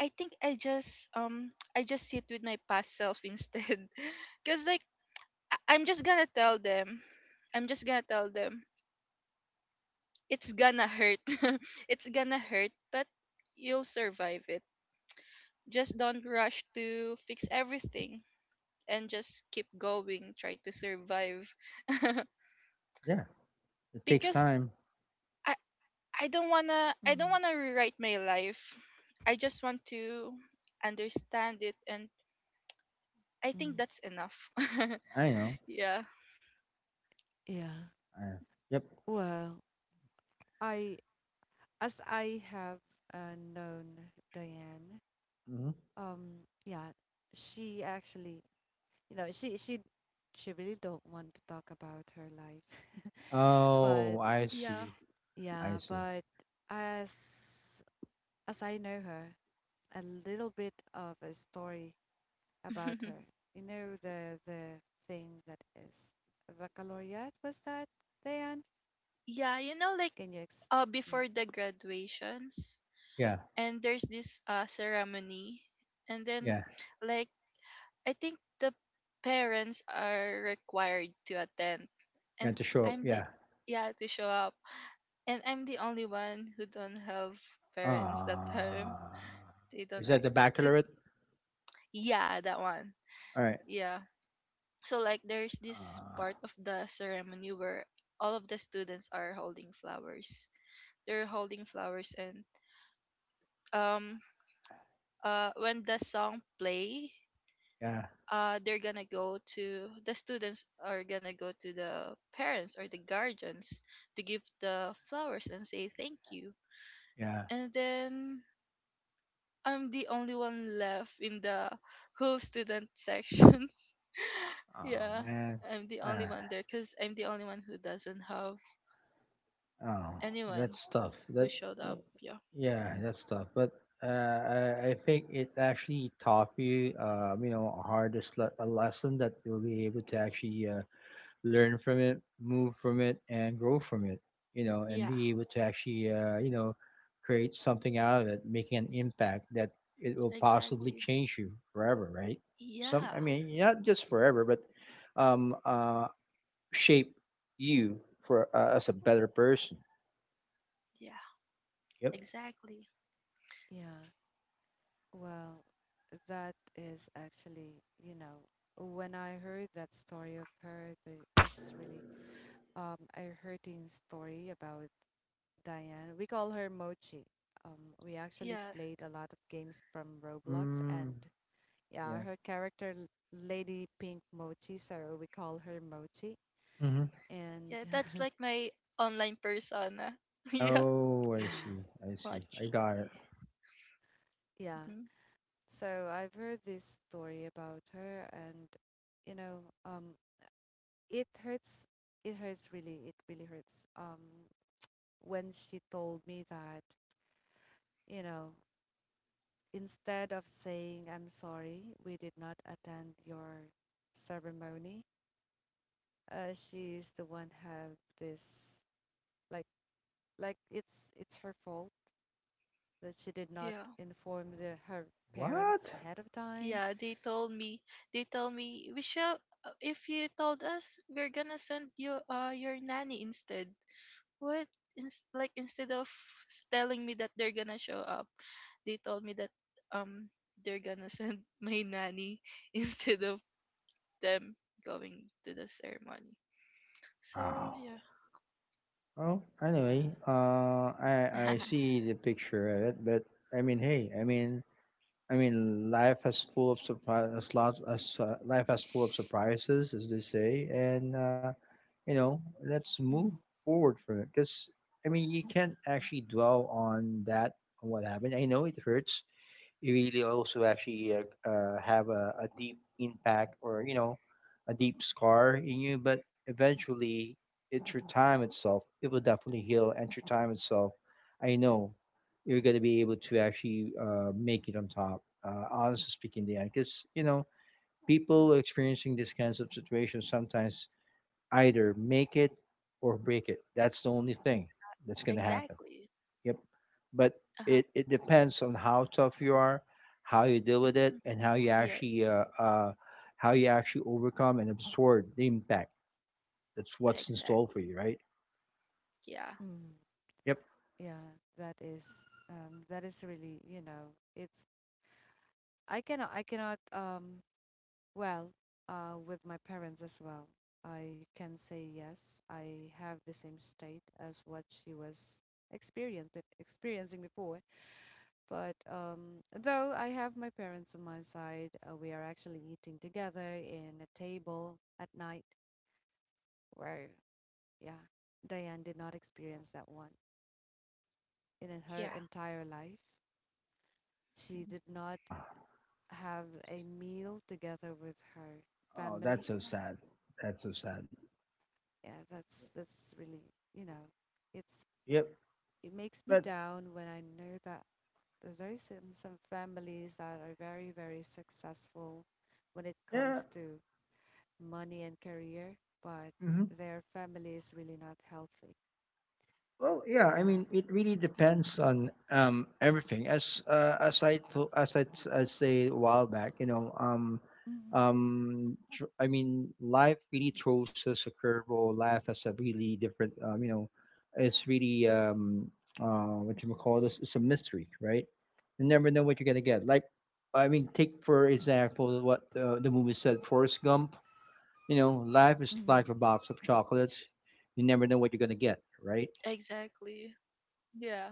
Speaker 3: I think I just um I just sit with my past self instead. Cause like I- I'm just gonna tell them. I'm just gonna tell them it's gonna hurt. It's gonna hurt, but you'll survive it. Just don't rush to fix everything, and just keep going, try to survive.
Speaker 2: Yeah, it takes
Speaker 3: Because
Speaker 2: time.
Speaker 3: I I don't wanna I don't
Speaker 1: Mm,
Speaker 3: wanna rewrite my life. I just want to understand it, and I think
Speaker 1: mm,
Speaker 3: that's enough.
Speaker 2: I know.
Speaker 3: Yeah.
Speaker 1: yeah.
Speaker 2: Uh, yep.
Speaker 1: Well, I as I have uh, known Diane,
Speaker 2: Hmm.
Speaker 1: um, yeah, she actually, you know, she she she really don't want to talk about her life, but
Speaker 2: Oh, I
Speaker 3: Yeah.
Speaker 2: see. I
Speaker 1: yeah,
Speaker 2: see.
Speaker 1: but as as I know her, a little bit of a story about her. You know the the thing that is Baccalaureate was that Diane?
Speaker 3: Yeah, you know like
Speaker 1: Can you ex?
Speaker 3: uh
Speaker 1: Yeah,
Speaker 3: before the graduations,
Speaker 2: Yeah,
Speaker 3: and there's this uh ceremony, and then
Speaker 2: yeah,
Speaker 3: like I think the parents are required to attend,
Speaker 2: yeah.
Speaker 3: and
Speaker 2: To show up.
Speaker 3: I'm the
Speaker 2: Yeah.
Speaker 3: yeah, to show up, and I'm the only one who don't have parents that time.
Speaker 2: Uh,
Speaker 3: They don't
Speaker 2: is that
Speaker 3: act.
Speaker 2: the baccalaureate?
Speaker 3: Yeah, that one.
Speaker 2: All right.
Speaker 3: Yeah. So like there's this
Speaker 2: Uh,
Speaker 3: part of the ceremony where all of the students are holding flowers. They're holding flowers, and um uh when the song play,
Speaker 2: yeah,
Speaker 3: uh they're gonna go to the students are gonna go to the parents or the guardians to give the flowers and say thank you.
Speaker 2: yeah.
Speaker 3: And then I'm the only one left in the whole student sections.
Speaker 2: Oh
Speaker 3: Yeah,
Speaker 2: man.
Speaker 3: I'm the only
Speaker 2: Ah.
Speaker 3: one there because I'm the only one who doesn't have
Speaker 2: Oh,
Speaker 3: anyone
Speaker 2: that's tough.
Speaker 3: who
Speaker 2: That,
Speaker 3: showed up. Yeah,
Speaker 2: yeah, that's tough. But uh, I, I think it actually taught you, uh, you know, a hardest le- a lesson that you'll be able to actually uh, learn from it, move from it, and grow from it. You know, and
Speaker 3: yeah,
Speaker 2: be able to actually, uh, you know, create something out of it, making an impact that it will possibly
Speaker 3: exactly.
Speaker 2: change you forever, right? Some,
Speaker 3: Yeah,
Speaker 2: I mean, not just forever, but um, uh, shape you for uh, as a better person.
Speaker 3: yeah,
Speaker 2: Yep.
Speaker 3: exactly.
Speaker 1: yeah. Well, that is actually, you know, when I heard that story of her, the, this really um a hurting story about Diane. We call her Mochi. Um, we actually
Speaker 3: Yeah,
Speaker 1: played a lot of games from Roblox,
Speaker 2: Mm,
Speaker 1: and yeah,
Speaker 2: yeah.
Speaker 1: her character L- Lady Pink Mochi, so we call her Mochi.
Speaker 2: Hmm.
Speaker 1: And
Speaker 3: yeah, that's like my online persona. Yeah,
Speaker 2: Oh, I
Speaker 1: yeah,
Speaker 2: see. I see. I
Speaker 3: Mochi.
Speaker 2: got it.
Speaker 1: yeah.
Speaker 3: Hmm.
Speaker 1: So I've heard this story about her, and you know, um, it hurts it hurts really it really hurts um when she told me that you know instead of saying I'm sorry we did not attend your ceremony uh she's the one have this like like it's it's her fault that she did not
Speaker 3: Yeah,
Speaker 1: inform the, her parents
Speaker 2: What?
Speaker 1: ahead of time
Speaker 3: yeah, they told me, they told me, we shall, if you told us, we're gonna send you uh, your nanny instead. What? Ins- like instead of s- telling me that they're gonna show up, they told me that um they're gonna send my nanny instead of them going to the ceremony. So
Speaker 2: Oh.
Speaker 3: yeah,
Speaker 2: Oh.
Speaker 1: yeah
Speaker 2: Anyway, uh, I I see the picture of it, but I mean, hey, I mean, I mean, life has full of surprise, as lots as uh, life has full of surprises, as they say, and uh, you know, let's move
Speaker 1: mm.
Speaker 2: forward from it. Because I mean, you can't actually dwell on that, on what happened. I know it hurts. It really also actually uh, uh, have a, a deep impact, or you know, a deep scar in you. But eventually, it through time itself, it will definitely heal, and through time itself, I know you're going to be able to actually uh, make it on top. Uh, honestly speaking, Dan, because you know, people experiencing these kinds of situations sometimes either make it or break it. That's the only thing
Speaker 3: yeah,
Speaker 2: that's going to happen.
Speaker 3: exactly.
Speaker 2: Yep. But
Speaker 3: Uh huh.
Speaker 2: it, it depends on how tough you are, how you deal with it,
Speaker 3: Hmm.
Speaker 2: and how you actually
Speaker 3: Yes,
Speaker 2: uh, uh, how you actually overcome and absorb the impact. That's what's in store for
Speaker 3: exactly.
Speaker 2: you, right?
Speaker 3: Yeah,
Speaker 1: Mm.
Speaker 2: Yep.
Speaker 1: Yeah that is um that is really you know it's I cannot I cannot um Well, uh, with my parents as well. I can say yes. I have the same state as what she was experienced experiencing before. But um, though I have my parents on my side, uh, we are actually eating together in a table at night where, yeah, Diane did not experience that one in her
Speaker 3: yeah,
Speaker 1: entire life. She
Speaker 3: mhm,
Speaker 1: did not
Speaker 2: Uh,
Speaker 1: have a meal together with her
Speaker 2: oh,
Speaker 1: family
Speaker 2: that's so sad. That's so sad.
Speaker 1: yeah, that's that's really, you know, it's
Speaker 2: Yep.
Speaker 1: it makes me
Speaker 2: But
Speaker 1: down when I know that there's some, some families that are very, very successful when it
Speaker 2: yeah,
Speaker 1: comes to money and career, but
Speaker 2: hmm.
Speaker 1: their family is really not healthy.
Speaker 2: Well, yeah, I
Speaker 1: Yeah.
Speaker 2: mean, it really depends on um, everything. As uh, as I to, as I t- as say a while back, you know, um,
Speaker 1: Hmm.
Speaker 2: um, tr- I mean, life really throws us a curveball. Life has a really different, um, you know, it's really um, uh, what you may call this. It's a mystery, right? You never know what you're gonna get. Like, I mean, take for example what uh, the movie said, Forrest Gump. You know, life is
Speaker 1: Hmm.
Speaker 2: like a box of chocolates. You never know what you're gonna get, right?
Speaker 3: exactly. Yeah,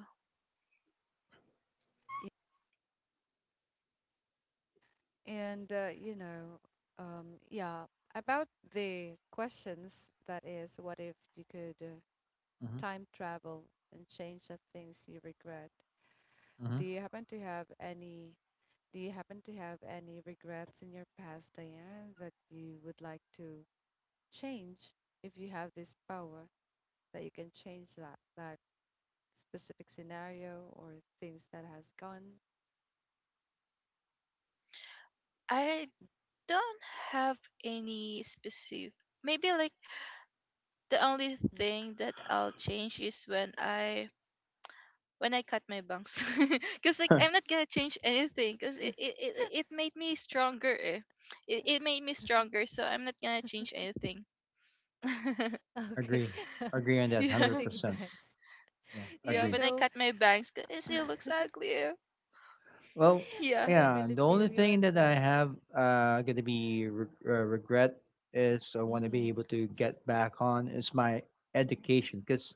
Speaker 1: And uh, you know, um, yeah, about the questions that is, what if you could uh,
Speaker 2: Hmm.
Speaker 1: time travel and change the things you regret?
Speaker 2: Hmm.
Speaker 1: Do you happen to have any Do you happen to have any regrets in your past, Diane, that you would like to change if you have this power that you can change that that specific scenario or things that has gone?
Speaker 3: I don't have any specific. Maybe like the only thing that I'll change is when I when I cut my bangs. Because like I'm not gonna change anything. Because
Speaker 1: Mm.
Speaker 3: it, it, it it made me stronger. Eh. It it made me stronger. So I'm not gonna change anything.
Speaker 1: Okay,
Speaker 2: Agree. Agree on that. Hundred
Speaker 3: Yeah,
Speaker 1: cutting
Speaker 2: percent.
Speaker 1: banks.
Speaker 2: Yeah.
Speaker 1: Yeah,
Speaker 3: yeah.
Speaker 1: you
Speaker 2: Agree.
Speaker 3: When I
Speaker 1: know,
Speaker 3: cut my bangs, 'cause it
Speaker 1: uh,
Speaker 3: still looks ugly. Eh.
Speaker 2: Well,
Speaker 3: Yeah.
Speaker 1: I
Speaker 2: yeah.
Speaker 1: really
Speaker 2: The
Speaker 1: feel
Speaker 2: only
Speaker 1: you
Speaker 2: thing
Speaker 1: on
Speaker 2: that I
Speaker 1: that.
Speaker 2: have uh gonna be re- uh, regret is, I want to be
Speaker 1: Mm-hmm.
Speaker 2: able to get back on, is my education because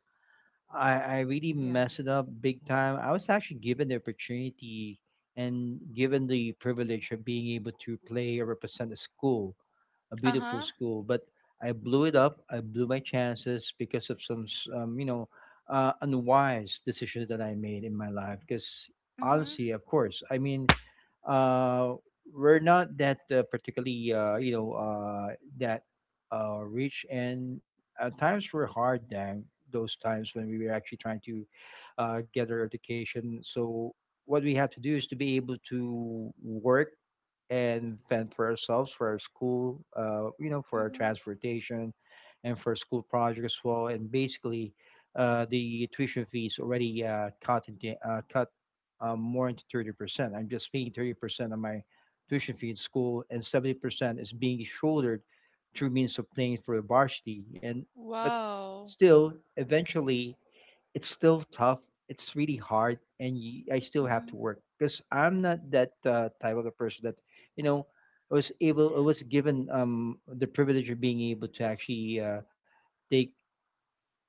Speaker 2: I I really
Speaker 1: Yeah.
Speaker 2: messed it up big time. I was actually given the opportunity and given the privilege of being able to play or represent the school, a
Speaker 3: Uh
Speaker 2: beautiful
Speaker 3: huh.
Speaker 2: school, but I blew it up. I blew my chances because of some, s- um, you know, uh, unwise decisions that I made in my life. Because
Speaker 3: Mhm.
Speaker 2: honestly, of course, I mean, uh, we're not that uh, particularly, uh, you know, uh, that uh, rich, and at times were hard. Dang, those times when we were actually trying to uh, get our education. So what we have to do is to be able to work and fend for ourselves, for our school, uh, you know, for our
Speaker 3: Mhm.
Speaker 2: transportation, and for school projects as well. And basically, uh, the tuition fees already uh, cut into uh, cut uh, more into thirty percent. I'm just paying thirty percent of my tuition fee in school, and seventy percent is being shouldered through means of playing for the varsity. And but
Speaker 3: Wow.
Speaker 2: still, eventually, it's still tough. It's really hard, and y- I still have to
Speaker 3: Mhm.
Speaker 2: work because I'm not that uh, type of a person that you know, I was able I was given um the privilege of being able to actually uh, take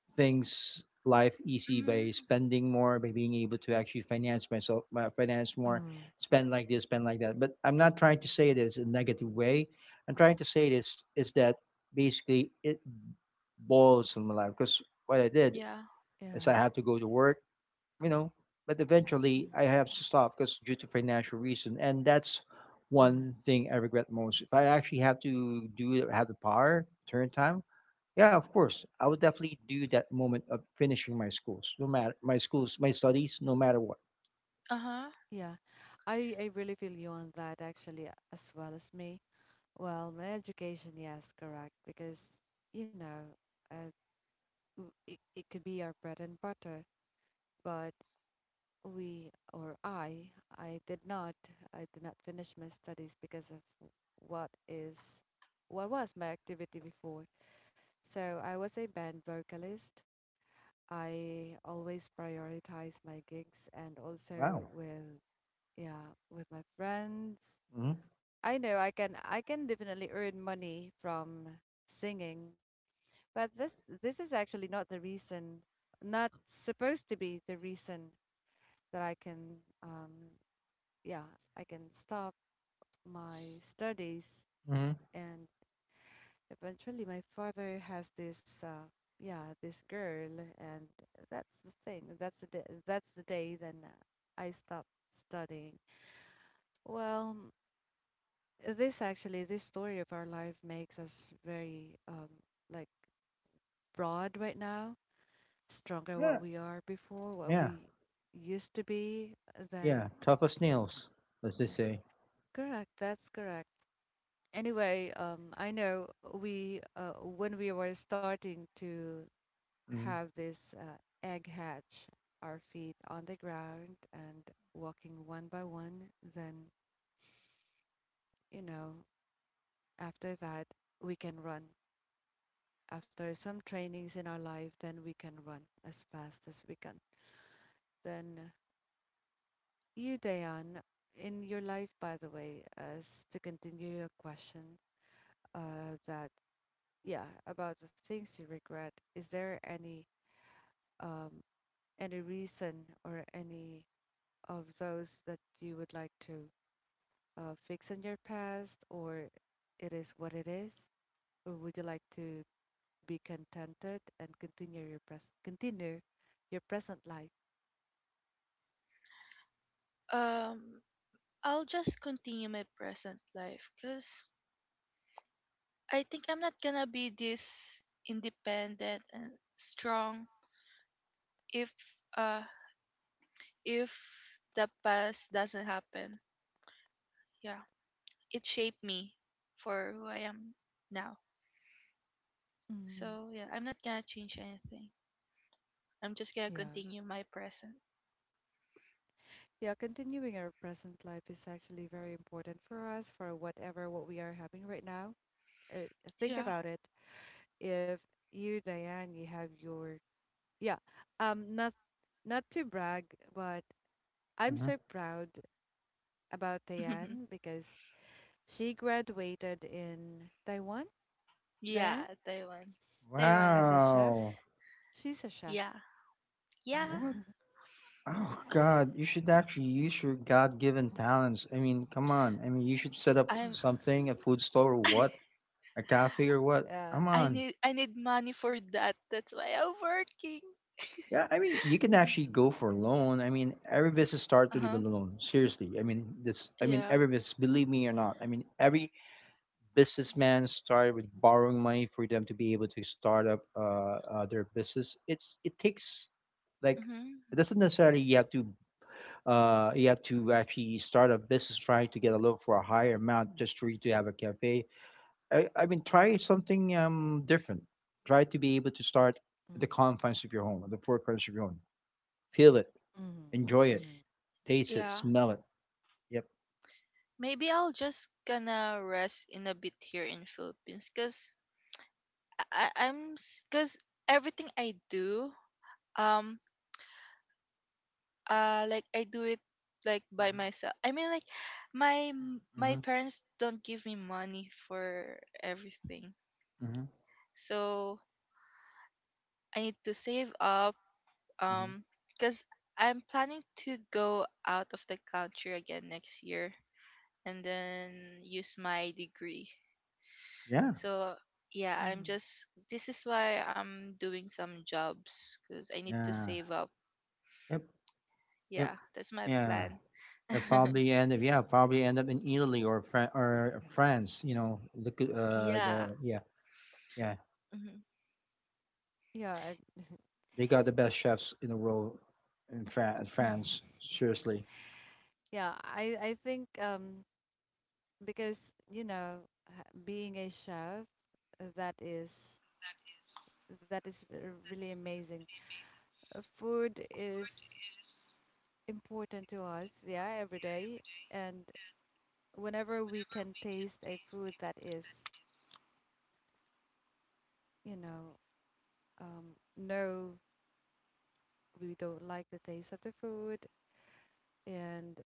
Speaker 2: things, life easy, by
Speaker 3: Mhm.
Speaker 2: spending more, by being able to actually finance myself, my finance more,
Speaker 1: Mm-hmm.
Speaker 2: spend like this, spend like that. But I'm not trying to say this in a negative way. I'm trying to say this is that basically it boils on my life because what I did
Speaker 3: Yeah.
Speaker 2: is,
Speaker 1: Yeah.
Speaker 2: I had to go to work, you know. But eventually I have to stop because due to financial reason, and that's
Speaker 1: Mm-hmm.
Speaker 2: one thing I regret most. If I actually have to do have the power turn time, yeah, of course I would definitely do that moment of finishing my schools, no matter my schools, my studies, no matter what.
Speaker 3: Uh huh.
Speaker 1: Yeah, I I really feel you on that actually as well as me. Well, my education, yes, correct, because you know, uh, w- it, it could be our bread and butter, but we or I, I did not, I did not finish my studies because of what is, what was my activity before. So I was a band vocalist. I always prioritize my gigs and also
Speaker 2: Wow.
Speaker 1: with, yeah, with my friends.
Speaker 2: Hmm.
Speaker 1: I know I can, I can definitely earn money from singing. But
Speaker 2: Yeah.
Speaker 1: this this is actually not the reason, not supposed to be the reason that I can, um, yeah, I can stop my studies.
Speaker 2: Hmm.
Speaker 1: And eventually, my father has this, uh, yeah, this girl, and that's the thing. That's the day, that's the day then I stopped studying. Well, this actually, this story of our life makes us very, um, like broad right now stronger
Speaker 2: Yeah.
Speaker 1: what we are before, what
Speaker 2: Yeah.
Speaker 1: we used to be,
Speaker 2: Yeah.
Speaker 1: then
Speaker 2: Tough as nails, as they say.
Speaker 1: correct, that's correct. Anyway, um, I know we uh, when we were starting to
Speaker 2: Mm-hmm.
Speaker 1: have this uh, egg hatch, our feet on the ground and walking one by one, then you know after that we can run. After some trainings in our life, then we can run as fast as we can. Then uh, you, Diane, in your life, by the way, as to continue your question, uh, that yeah, about the things you regret, is there any um, any reason or any of those that you would like to uh, fix in your past, or it is what it is, or would you like to be contented and continue your pres continue your present life?
Speaker 3: Um. I'll just continue my present life. Cause I think I'm not gonna be this independent and strong if uh if the past doesn't happen. Yeah, it shaped me for who I am now.
Speaker 1: Mm,
Speaker 3: So yeah, I'm not gonna change anything. I'm just gonna
Speaker 1: yeah.
Speaker 3: continue my present.
Speaker 1: Yeah, continuing our present life is actually very important for us for whatever what we are having right now. Uh, think
Speaker 3: Yeah.
Speaker 1: about it. If you, Diane, you have your yeah, um, not not to brag, but I'm
Speaker 2: Mm-hmm.
Speaker 1: so proud about Diane because she graduated in Taiwan. Diane,
Speaker 3: Yeah. Taiwan.
Speaker 1: as
Speaker 3: Taiwan.
Speaker 1: a chef,
Speaker 2: Wow.
Speaker 1: she's a chef.
Speaker 3: Yeah. Yeah.
Speaker 2: What? Oh God, you should actually use your God-given talents. I mean, come on. I mean, you should set up
Speaker 3: I'm
Speaker 2: something, a food store or what, a cafe or what.
Speaker 1: Yeah.
Speaker 2: Come
Speaker 3: i
Speaker 2: on.
Speaker 3: need I need money for that, that's why I'm working.
Speaker 2: Yeah, I mean, you can actually go for a loan. I mean, every business starts with a
Speaker 3: Uh-huh.
Speaker 2: loan. Seriously, I mean, this. I mean,
Speaker 3: Yeah.
Speaker 2: every business, believe me or not. I mean, every businessman started with borrowing money for them to be able to start up uh, uh, their business. It's it takes like
Speaker 3: Mm-hmm.
Speaker 2: it doesn't necessarily you have to uh, you have to actually start a business trying to get a loan for a higher amount just for you to have a cafe. I, I mean, try something um, different. Try to be able to start at the
Speaker 1: Mm,
Speaker 2: confines of your home, at the four corners of your home. Feel it,
Speaker 1: mhm,
Speaker 2: enjoy it,
Speaker 1: mhm,
Speaker 2: taste it,
Speaker 3: Yeah,
Speaker 2: smell it. Yep.
Speaker 3: maybe I'll just gonna rest in a bit here in Philippines because I I'm because everything I do, um, uh, like I do it like by myself. I mean, like my m- my
Speaker 2: Mm-hmm.
Speaker 3: parents don't give me money for everything,
Speaker 2: Mm-hmm.
Speaker 3: so I need to save up.
Speaker 2: Mm-hmm.
Speaker 3: Um, because I'm planning to go out of the country again next year, and then use my degree.
Speaker 2: Yeah.
Speaker 3: So yeah, I'm
Speaker 1: mhm.
Speaker 3: just this is why I'm doing some jobs because I need to
Speaker 2: Yeah.
Speaker 3: save up.
Speaker 2: Yep. Yep.
Speaker 3: Yeah, that's my
Speaker 2: Yeah.
Speaker 3: plan.
Speaker 2: I probably end up yeah probably end up in Italy or Fran- or France. You know the uh
Speaker 3: Yeah.
Speaker 2: the yeah yeah.
Speaker 3: Hmm.
Speaker 1: Yeah.
Speaker 2: They got the best chefs in the world in, Fran-
Speaker 1: I-
Speaker 2: France. Seriously,
Speaker 1: Yeah, I I think um because you know ha- being a chef uh, that is that is r- really amazing. Uh, Food is important to us, yeah, every day, and whenever we can taste a food that is, you know, um, no, we don't like the taste of the food. And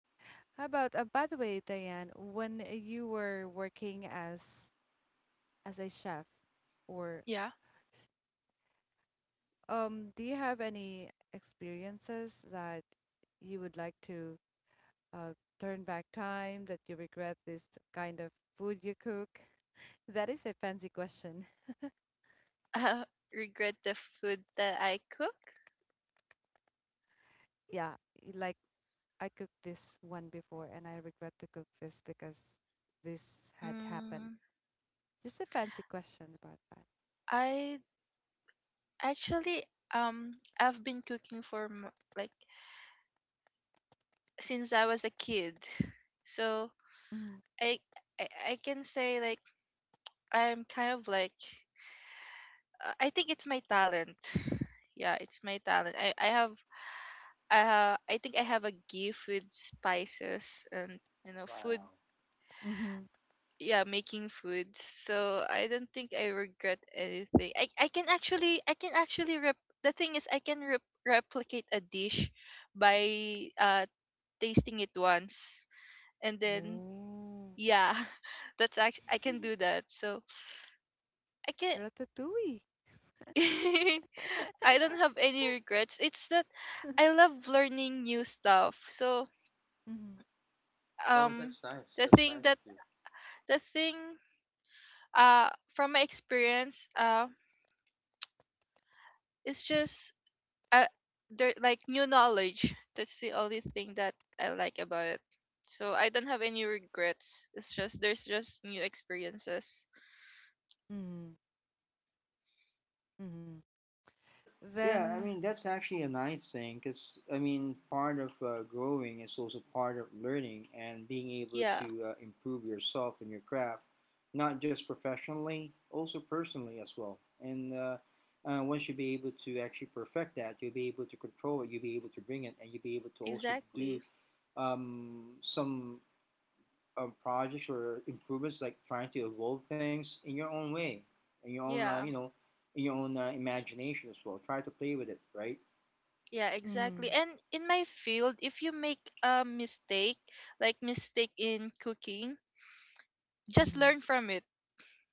Speaker 1: how about, uh, by the way, Diane, when you were working as as a chef or
Speaker 3: Yeah.
Speaker 1: Um, do you have any experiences that you would like to uh, turn back time that you regret this kind of food you cook? That is a fancy question.
Speaker 3: Uh, Regret the food that I cook?
Speaker 1: Yeah, y- like I cooked this one before and I regret to cook this because this had happened.
Speaker 3: Mm,
Speaker 1: Just a fancy question about that.
Speaker 3: I actually um I've been cooking for m- like since I was a kid. So
Speaker 1: Mm-hmm.
Speaker 3: I I, I can say like I'm kind of like uh, I think it's my talent. Yeah, it's my talent. I I have I have, I think I have a gift with spices and you know
Speaker 2: wow.
Speaker 3: food,
Speaker 1: Mm-hmm.
Speaker 3: yeah, making food. So I don't think I regret anything. I, I can actually I can actually rep- The thing is I can rep- replicate a dish by uh tasting it once, and then
Speaker 1: Oh,
Speaker 3: yeah, that's act- I can do that, so I can
Speaker 1: ratatouille.
Speaker 3: I
Speaker 2: Yeah.
Speaker 3: don't have any regrets. It's that I love learning new stuff, so
Speaker 1: Mm-hmm.
Speaker 2: Well,
Speaker 3: um
Speaker 2: that's nice.
Speaker 3: the
Speaker 2: That's
Speaker 3: thing
Speaker 2: nice of
Speaker 3: that
Speaker 2: you.
Speaker 3: the thing, uh from my experience, uh it's just, uh, there like new knowledge. That's the only thing that I like about it. So I don't have any regrets. It's just there's just new experiences.
Speaker 1: Mm-hmm. Mm-hmm.
Speaker 2: Well, yeah, I
Speaker 1: Then,
Speaker 2: mean that's actually a nice thing because I mean part of uh, growing is also part of learning and being able
Speaker 3: Yeah,
Speaker 2: to uh, improve yourself in your craft, not just professionally, also personally as well. And uh, uh, once you be able to actually perfect that, you'll be able to control it, you'll be able to bring it, and you'll be able to also do
Speaker 3: exactly.
Speaker 2: um, some um, projects or improvements, like trying to evolve things in your own way, in your own, uh, you
Speaker 3: Yeah.
Speaker 2: know, in your own uh, imagination as well. Try to play with it, right?
Speaker 3: Yeah, exactly.
Speaker 1: mm-hmm.
Speaker 3: And in my field, if you make a mistake, like mistake in cooking, just learn
Speaker 1: Mm-hmm.
Speaker 3: from it.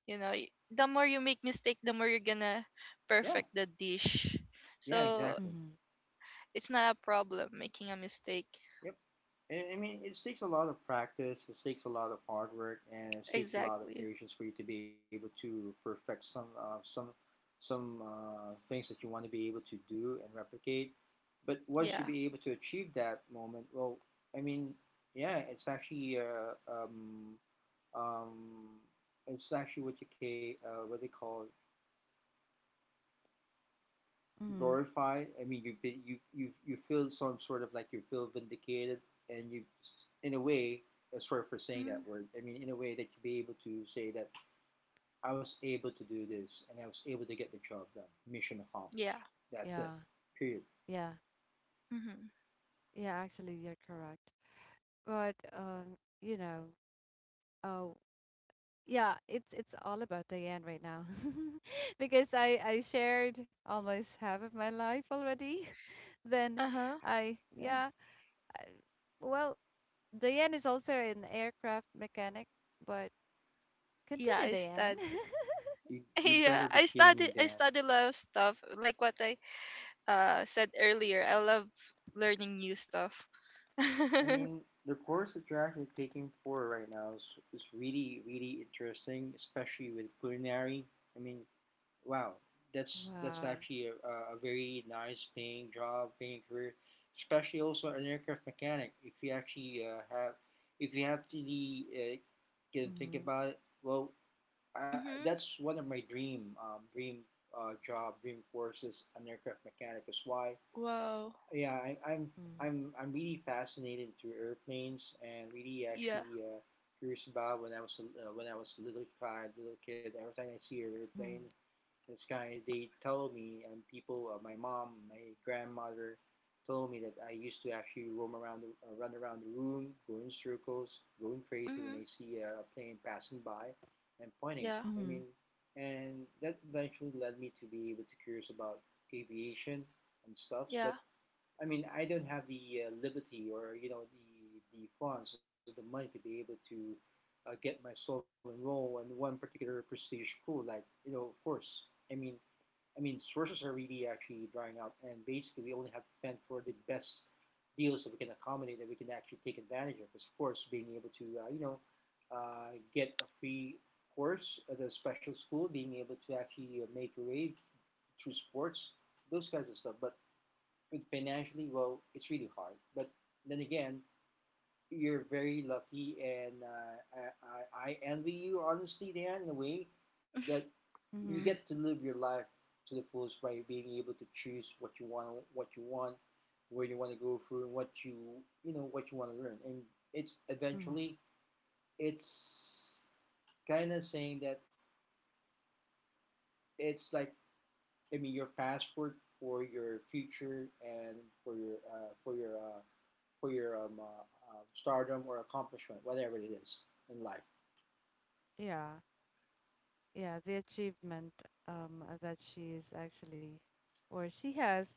Speaker 3: You know, Y- the more you make mistake, the more you're gonna
Speaker 2: Yeah,
Speaker 3: perfect the dish.
Speaker 2: yeah,
Speaker 3: So
Speaker 2: exactly.
Speaker 3: it's not a problem making a mistake.
Speaker 2: Yep. I I mean, it takes a lot of practice. It takes a lot of hard work, and it takes a lot of
Speaker 3: Exactly.
Speaker 2: patience for you to be able to perfect some uh, some some uh, things that you want to be able to do and replicate. But once you
Speaker 3: Yeah.
Speaker 2: be able to achieve that moment, well, I mean, yeah, it's actually uh, um, um, it's actually what you ca- uh, what they call
Speaker 1: Mm-hmm.
Speaker 2: glorified. I mean, you have you you you feel some sort of like you feel vindicated, and you, in a way, uh, sorry for saying
Speaker 3: Mm,
Speaker 2: that word. I mean, in a way that you be able to say that I was able to do this, and I was able to get the job done. Mission
Speaker 3: yeah.
Speaker 2: accomplished. That's
Speaker 1: Yeah,
Speaker 2: it. Period.
Speaker 1: yeah,
Speaker 3: Mm-hmm.
Speaker 1: yeah. Actually, you're correct. But um, you know, oh, yeah, it's it's all about Diane right now, because I I shared almost half of my life already. Then
Speaker 3: Uh huh.
Speaker 1: I
Speaker 2: Yeah.
Speaker 1: yeah, well, Diane is also an aircraft mechanic, but
Speaker 3: Yeah,
Speaker 1: continue,
Speaker 3: I
Speaker 1: Diane.
Speaker 3: studied.
Speaker 2: You you better be
Speaker 3: Yeah, I
Speaker 2: kidding me,
Speaker 3: studied. I
Speaker 2: Dan.
Speaker 3: study a lot of stuff. Like what I uh said earlier, I love learning new stuff.
Speaker 2: I
Speaker 3: Mm-hmm.
Speaker 2: mean, the course that you're actually taking for right now is, is really, really interesting, especially with culinary. I mean, wow, that's that's
Speaker 1: Wow.
Speaker 2: actually a, a a very nice paying job, paying career, especially also an aircraft mechanic. If you actually uh, have, if you actually uh, can think
Speaker 1: Mm-hmm.
Speaker 2: about it, well, I, I- that's one of my dream um, dream uh, job, dream courses, an aircraft mechanic. Is why,
Speaker 3: Wow.
Speaker 2: yeah, I, I'm I'm I'm really fascinated to airplanes and really
Speaker 3: Yeah.
Speaker 2: actually. Uh, Curious about when I was a- uh, when I was a little child, little kid. Every time I see an airplane,
Speaker 1: Mm-hmm.
Speaker 2: this guy they tell me and people uh, my mom my grandmother told me that I used to actually roam around the, uh, run around the room go in circles going crazy when
Speaker 3: Mm-hmm.
Speaker 2: I see a plane passing by and pointing it.
Speaker 3: Yeah.
Speaker 1: Mm-hmm.
Speaker 2: I mean, and that eventually led me to be able to curious about aviation and stuffs.
Speaker 3: Yeah.
Speaker 2: But I mean I don't have the uh, liberty or you know the the funds or the money to be able to uh, get my soul enrolled in one particular prestige school like you know of course. I mean, I mean, sources are really up, and basically we only have to fend for the best deals that we can accommodate that we can actually take advantage of. Of course, being able to uh, you know uh, get a free course at a special school, being able to actually uh, make a raid through sports, those kinds of stuff. But with financially, well, it's really hard. But then again, you're very lucky, and uh, I, I, I envy you, honestly, Dan, in a way that you get
Speaker 1: Mm-hmm.
Speaker 2: to live your life to the fullest by being able to choose what you want, what you want, where you want to go through, and what you you know what you want to learn. And it's
Speaker 1: Mm-hmm.
Speaker 2: eventually it's kind of saying that it's like I mean your passport for your future and for your uh, for your uh, for your um, uh, uh, stardom or accomplishment, whatever it is in life.
Speaker 1: Yeah. Yeah, the achievement um, uh, that she is actually, or she has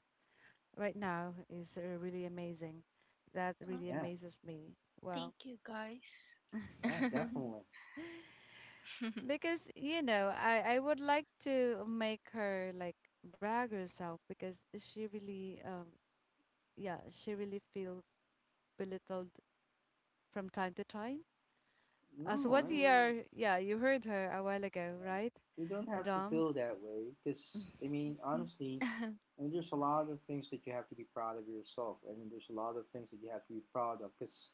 Speaker 1: right now is uh, really amazing. That
Speaker 3: Oh,
Speaker 1: really
Speaker 2: Yeah,
Speaker 1: amazes me.
Speaker 3: thank
Speaker 1: Well,
Speaker 3: you, guys.
Speaker 2: yeah, definitely.
Speaker 1: because, you know, I, I would like to make her like brag herself because she really, um, yeah, she really feels belittled from time to time. Uh, so
Speaker 2: No,
Speaker 1: what
Speaker 2: I
Speaker 1: we
Speaker 3: Mhm.
Speaker 2: mean,
Speaker 1: are, yeah, you heard her a while ago, right,
Speaker 2: you don't have to feel
Speaker 1: Dom?
Speaker 2: that way because, I mean, honestly, I mean, there's a lot of things that you have to be proud of yourself. I mean, there's a lot of things that you have to be proud of because,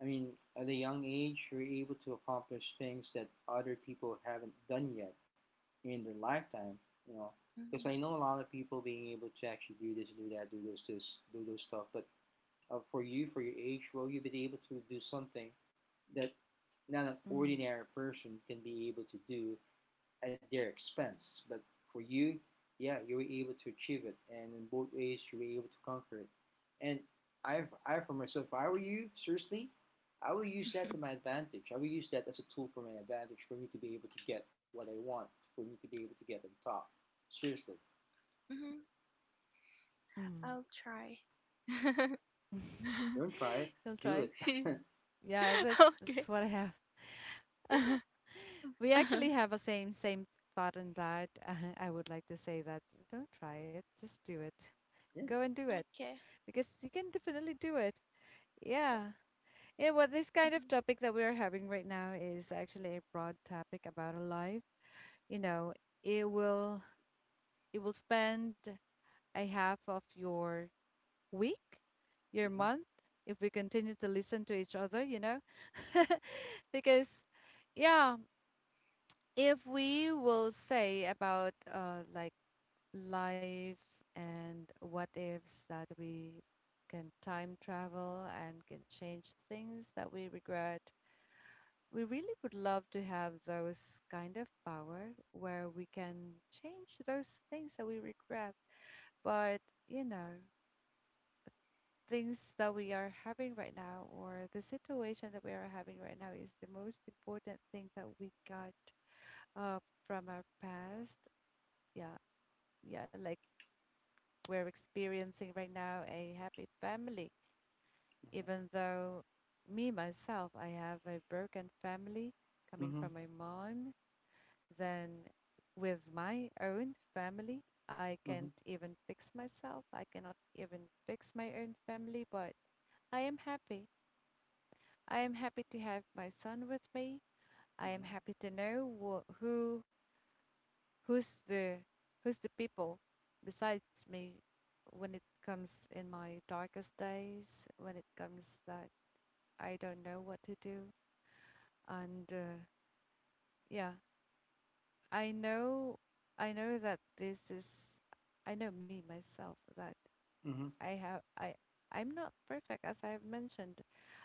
Speaker 2: I mean, at a young age, you're able to accomplish things that other people haven't done yet in their lifetime, you know.
Speaker 3: Mhm.
Speaker 2: Because I
Speaker 3: Mhm.
Speaker 2: know a lot of people being able to actually do this, do that, do those, this, do those stuff. But uh, for you, for your age, well, you've been able to do something that not an
Speaker 1: Mm,
Speaker 2: ordinary person can be able to do at their expense. But for you, yeah, you were able to achieve it, and in both ways, you were able to conquer it. And I, I for myself, if I were you, seriously, I will use that to my advantage. I will use that as a tool for my advantage for me to be able to get what I want, for me to be able to get on top. Seriously,
Speaker 3: Mhm.
Speaker 1: mm.
Speaker 3: I'll try. Okay.
Speaker 2: don't try it,
Speaker 1: He'll
Speaker 2: do it.
Speaker 1: try.
Speaker 2: Yeah.
Speaker 1: Yeah, that's that's what I have. We actually have a same same thought in that. I would like to say that don't try it, just do it. Go and do it
Speaker 3: Okay.
Speaker 1: because you can definitely do it. Yeah. Yeah, well, this kind of
Speaker 3: Mm-hmm.
Speaker 1: topic that we are having right now is actually a broad topic about a life. You know, it will it will spend a half of your week, your
Speaker 2: Mm-hmm.
Speaker 1: month, if we continue to listen to each other, you know? Because, yeah, if we will say about uh, like life and what ifs that we can time travel and can change things that we regret, we really would love to have those kind of power where we can change those things that we regret. But, you know, things that we are having right now or the situation that we are having right now is the most important thing that we got uh, from our past. Yeah, yeah, like we're experiencing right now a happy family, even though me myself, I have a broken family coming
Speaker 2: Mm-hmm. Mm-hmm.
Speaker 1: from my mom. Then with my own family, I can't
Speaker 2: Mm-hmm.
Speaker 1: even fix myself. I cannot even fix my own family, but I am happy I am happy to have my son with me. I am
Speaker 2: Mm-hmm.
Speaker 1: happy to know wha who who's the who's the people besides me when it comes in my darkest days, when it comes that I don't know what to do. And uh, Yeah, I know I know that this is I know me myself that
Speaker 2: Mm-hmm.
Speaker 1: I have I I'm not perfect as I have mentioned.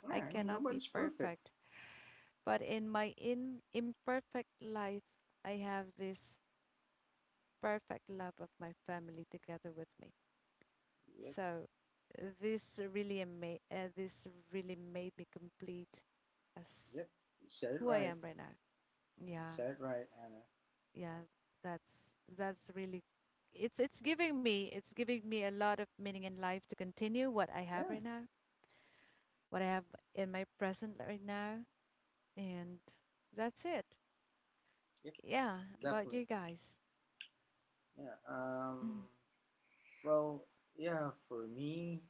Speaker 1: I
Speaker 2: Yeah, I mean
Speaker 1: cannot be
Speaker 2: nobody's perfect.
Speaker 1: perfect. But in my in, imperfect life, I have this perfect love of my family together with me.
Speaker 2: Yep.
Speaker 1: So this really ama- uh, this really made me complete as
Speaker 2: Yep. You said it
Speaker 1: who I
Speaker 2: right.
Speaker 1: am right now.
Speaker 2: You
Speaker 1: Yeah,
Speaker 2: said it right, Anna.
Speaker 1: yeah, that's that's really it's it's giving me it's giving me a lot of meaning in life to continue what I have right
Speaker 2: Yeah,
Speaker 1: now, what I have in my present right now, and that's it.
Speaker 2: yep,
Speaker 1: Yeah, about
Speaker 2: definitely.
Speaker 1: you guys?
Speaker 2: Yeah. Um, well, yeah. For me,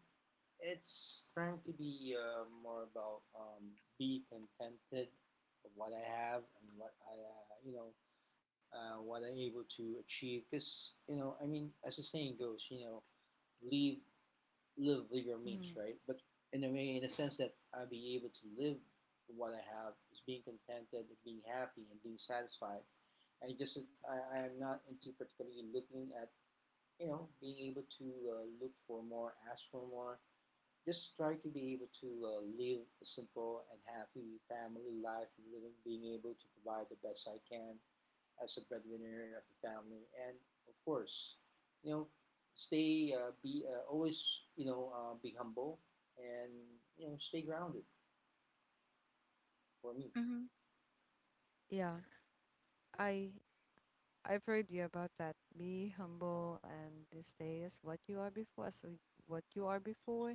Speaker 2: it's trying to be uh, more about um, be contented of what I have and what I, uh, you know, uh, what I'm able to achieve. Because you know, I mean, as the saying goes, you know, live, live with your means,
Speaker 1: Mm-hmm.
Speaker 2: right? But in a way, in a sense that I'll be able to live what I have is being contented and being happy and being satisfied. I just I, I am not into particularly looking at you know being able to uh, look for more, ask for more. Just try to be able to uh, live a simple and happy family life, living, being able to provide the best I can as a breadwinner of the family, and of course, you know, stay uh, be uh, always you know uh, be humble and you know stay grounded for me.
Speaker 1: Yeah, I I've heard you about that. Be humble and this day is what you are before. So what you are before,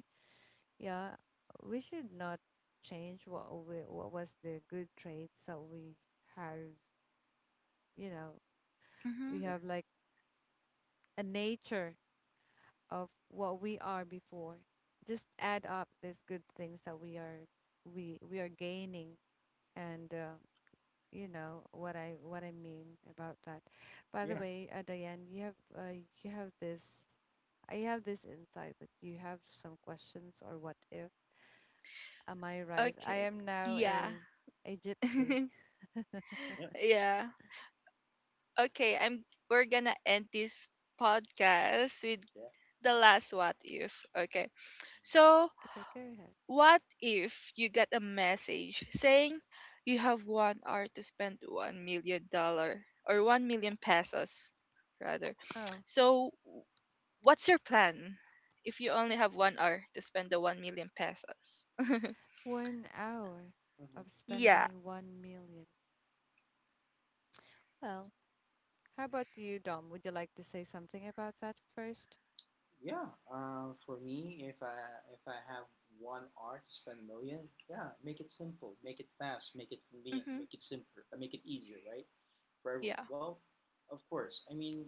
Speaker 1: yeah, we should not change what we, what was the good traits that we have. You know,
Speaker 3: Mm-hmm.
Speaker 1: we
Speaker 2: Yeah.
Speaker 1: have like a nature of what we are before. Just add up these good things that we are we we are gaining, and uh, you know what I what I mean about that. By the
Speaker 2: Yeah.
Speaker 1: way, uh, Diane, you have uh, you have this. I have this insight that you have some questions or what if. Am I right? I
Speaker 3: Okay.
Speaker 1: am now
Speaker 3: Yeah.
Speaker 1: a a gypsy.
Speaker 2: Yep.
Speaker 3: Yeah. Okay, I'm we're gonna end this podcast with
Speaker 2: Yeah. Mm-hmm.
Speaker 3: the last what if. Okay. So,
Speaker 1: Okay, go ahead.
Speaker 3: what if you get a message saying you have one hour to spend one million dollar or one million pesos rather.
Speaker 1: Oh,
Speaker 3: So, what's your plan if you only have one hour to spend the one million pesos?
Speaker 1: one hour
Speaker 2: Mm-hmm.
Speaker 1: of
Speaker 3: Yeah.
Speaker 1: spending one million. Well, how about you, Dom? Would you like to say something about that first?
Speaker 2: Yeah, uh, for me, if I if I have one hour to spend a million, yeah, make it simple, make it fast, make it convenient,
Speaker 3: Mhm.
Speaker 2: make it simpler, uh, make it easier, right, for everyone.
Speaker 3: Yeah.
Speaker 2: Well, of course. I mean,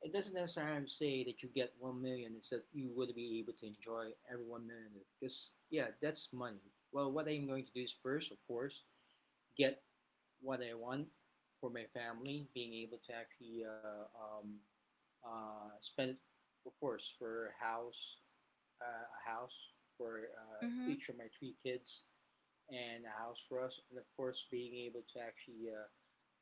Speaker 2: it doesn't necessarily say that you get one million. It's that you would be able to enjoy every one million because yeah, that's money. Well, what I'm going to do is first, of course, get what I want for my family, being able to actually uh, um, uh, spent it, of course, for a house, uh, a house for uh,
Speaker 3: Mhm.
Speaker 2: each of my three kids, and a house for us, and of course, being able to actually uh,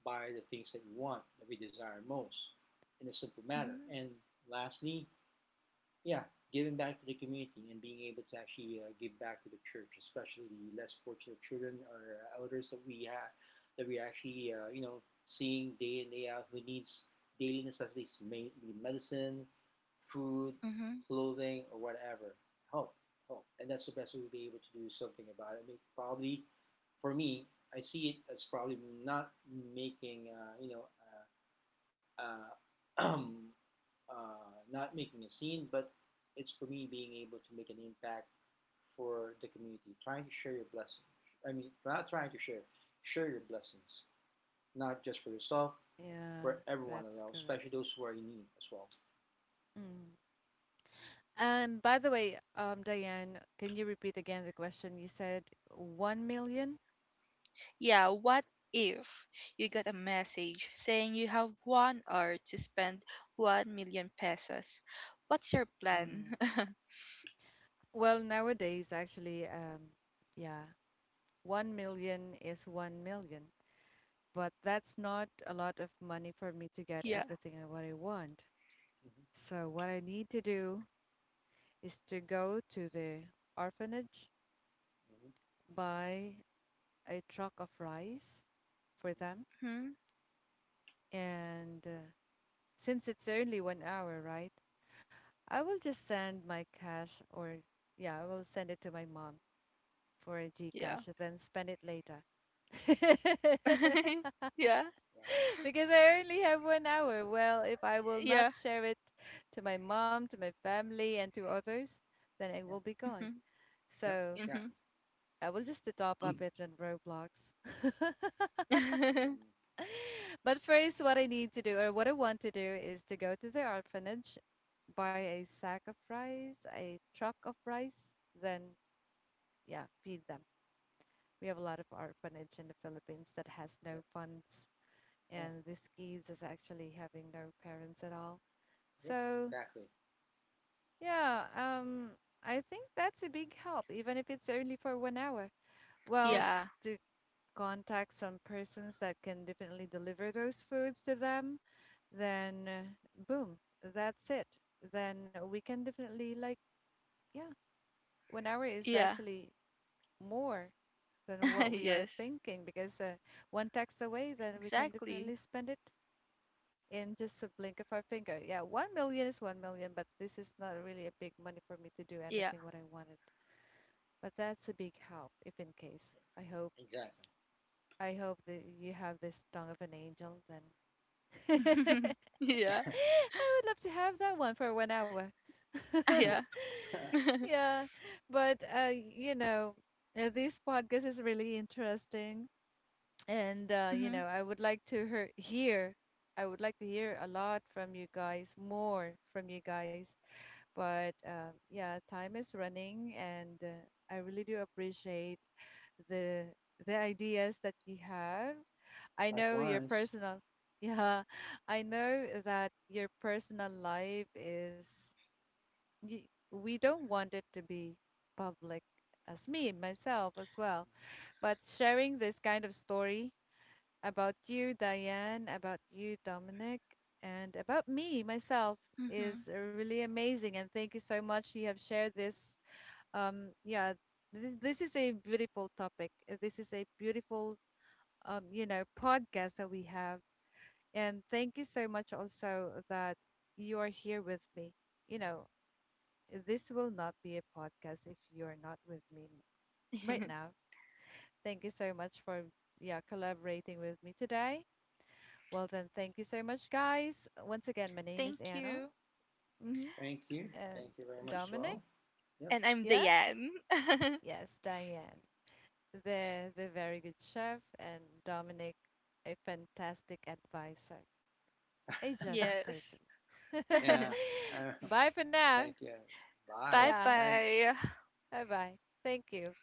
Speaker 2: buy the things that we want, that we desire most, in a simple manner.
Speaker 3: Mhm.
Speaker 2: And lastly, yeah, giving back to the community and being able to actually uh, give back to the church, especially the less fortunate children or elders that we have, that we actually, uh, you know, seeing day in day out who needs daily necessities, may be medicine, food,
Speaker 3: Mhm. Mhm.
Speaker 2: clothing, or whatever. Help, help, and that's the best way to be able to do something about it. I mean, probably for me, I see it as probably not making, uh, you know. Uh, uh, uh, not making a scene, but it's for me being able to make an impact for the community, trying to share your blessings. I mean, not trying to share, share your blessings, not just for yourself, for
Speaker 1: Yeah,
Speaker 2: everyone
Speaker 1: that's
Speaker 2: around,
Speaker 1: correct.
Speaker 2: especially those who are in need as well.
Speaker 1: Mm. And by the way, um, Diane, can you repeat again the question? You said one million?
Speaker 3: Yeah, what if you got a message saying you have one hour to spend one million pesos? What's your plan?
Speaker 1: Mm. Well, nowadays, actually, um, yeah, one million is one million, but that's not a lot of money for me to get
Speaker 3: Yeah.
Speaker 1: everything I- what I want.
Speaker 2: Hmm.
Speaker 1: So what I need to do is to go to the orphanage,
Speaker 2: Hmm.
Speaker 1: buy a truck of rice for them,
Speaker 2: Hmm.
Speaker 3: Hmm?
Speaker 1: and uh, since it's only one hour, right? I will just send my cash or yeah, I will send it to my mom for a
Speaker 3: Yeah.
Speaker 1: Gcash, then spend it later.
Speaker 3: Yeah.
Speaker 2: Wow.
Speaker 1: Because I only
Speaker 2: Wow.
Speaker 1: have one hour. Well, if I will not
Speaker 3: Yeah.
Speaker 1: share it to my mom, to my family, and to others, then it
Speaker 2: Yeah.
Speaker 1: will be gone.
Speaker 3: Mm-hmm.
Speaker 2: Yep.
Speaker 1: So
Speaker 3: Mm-hmm.
Speaker 2: Exactly.
Speaker 1: I will just top up it in Roblox.
Speaker 2: Mm-hmm.
Speaker 1: But first, what I need to do or what I want to do is to go to the orphanage, buy a
Speaker 2: Mm-hmm.
Speaker 1: sack of rice, a truck of rice, then yeah, feed them. We have a lot of orphanage in the Philippines that has
Speaker 2: Yep.
Speaker 1: no funds,
Speaker 2: Yeah.
Speaker 1: and these kids is actually having no parents at all.
Speaker 2: Yep.
Speaker 1: So
Speaker 2: Exactly.
Speaker 1: yeah, um, I think that's a big help, even if it's only for one hour.
Speaker 2: Yeah,
Speaker 1: Well,
Speaker 3: Yeah.
Speaker 1: to contact some persons that can definitely deliver those foods to them, then uh, boom, that's it. Then we can definitely like, yeah, one hour is
Speaker 3: Yeah.
Speaker 1: actually more than what we are
Speaker 3: Yes.
Speaker 1: thinking because uh, one tax away, then we can
Speaker 3: Exactly.
Speaker 1: definitely spend it in just a blink of our finger. Yeah, one million is one million, but this is not really a big money for me to do
Speaker 3: Yeah.
Speaker 1: anything what I wanted. But that's a big help, if in case. I hope
Speaker 2: exactly.
Speaker 1: I hope that you have this tongue of an angel. Then I
Speaker 3: Yeah.
Speaker 1: would love to have that one for one hour.
Speaker 3: Yeah. Mm-hmm.
Speaker 1: Yeah, but uh, you know, uh, this podcast is really interesting. And uh, you know, I would like to hear, hear, I would like to hear a lot from you guys, more from you guys. But uh, yeah, time is running, and uh, I really do appreciate the the ideas that you have. I know your
Speaker 2: Likewise.
Speaker 1: personal, yeah, I know that your personal life is. Y We don't want it to be public, as me myself as well.
Speaker 2: Mm-hmm.
Speaker 1: But sharing this kind of story about you, Diane, about you, Dominic, and about me, myself,
Speaker 3: Mm-hmm.
Speaker 1: is uh, really amazing. And thank you so much. You have shared this. Um, yeah, this, this is a beautiful topic. Uh, This is a beautiful, um, you know, podcast that we have. And thank you so much also that you are here with me. You know, this will not be a podcast if you are not with me right now. Thank you so much for yeah collaborating with me today. Well, then, thank you so much, guys. Once again, my name is
Speaker 3: Thank
Speaker 1: Anna.
Speaker 3: you.
Speaker 1: Hmm.
Speaker 2: Thank you.
Speaker 1: And
Speaker 2: Thank you very much, as
Speaker 1: Dominic,
Speaker 2: well. Yep.
Speaker 3: And I'm
Speaker 1: yeah?
Speaker 3: Diane.
Speaker 1: Yes, Diane. The, the very good chef, and Dominic, a fantastic advisor, a just person.
Speaker 3: Yes.
Speaker 2: Yeah. Uh,
Speaker 1: Bye for now.
Speaker 2: thank you. Bye.
Speaker 3: Bye
Speaker 1: Yeah,
Speaker 2: Thanks.
Speaker 3: bye.
Speaker 1: bye bye. Thank you.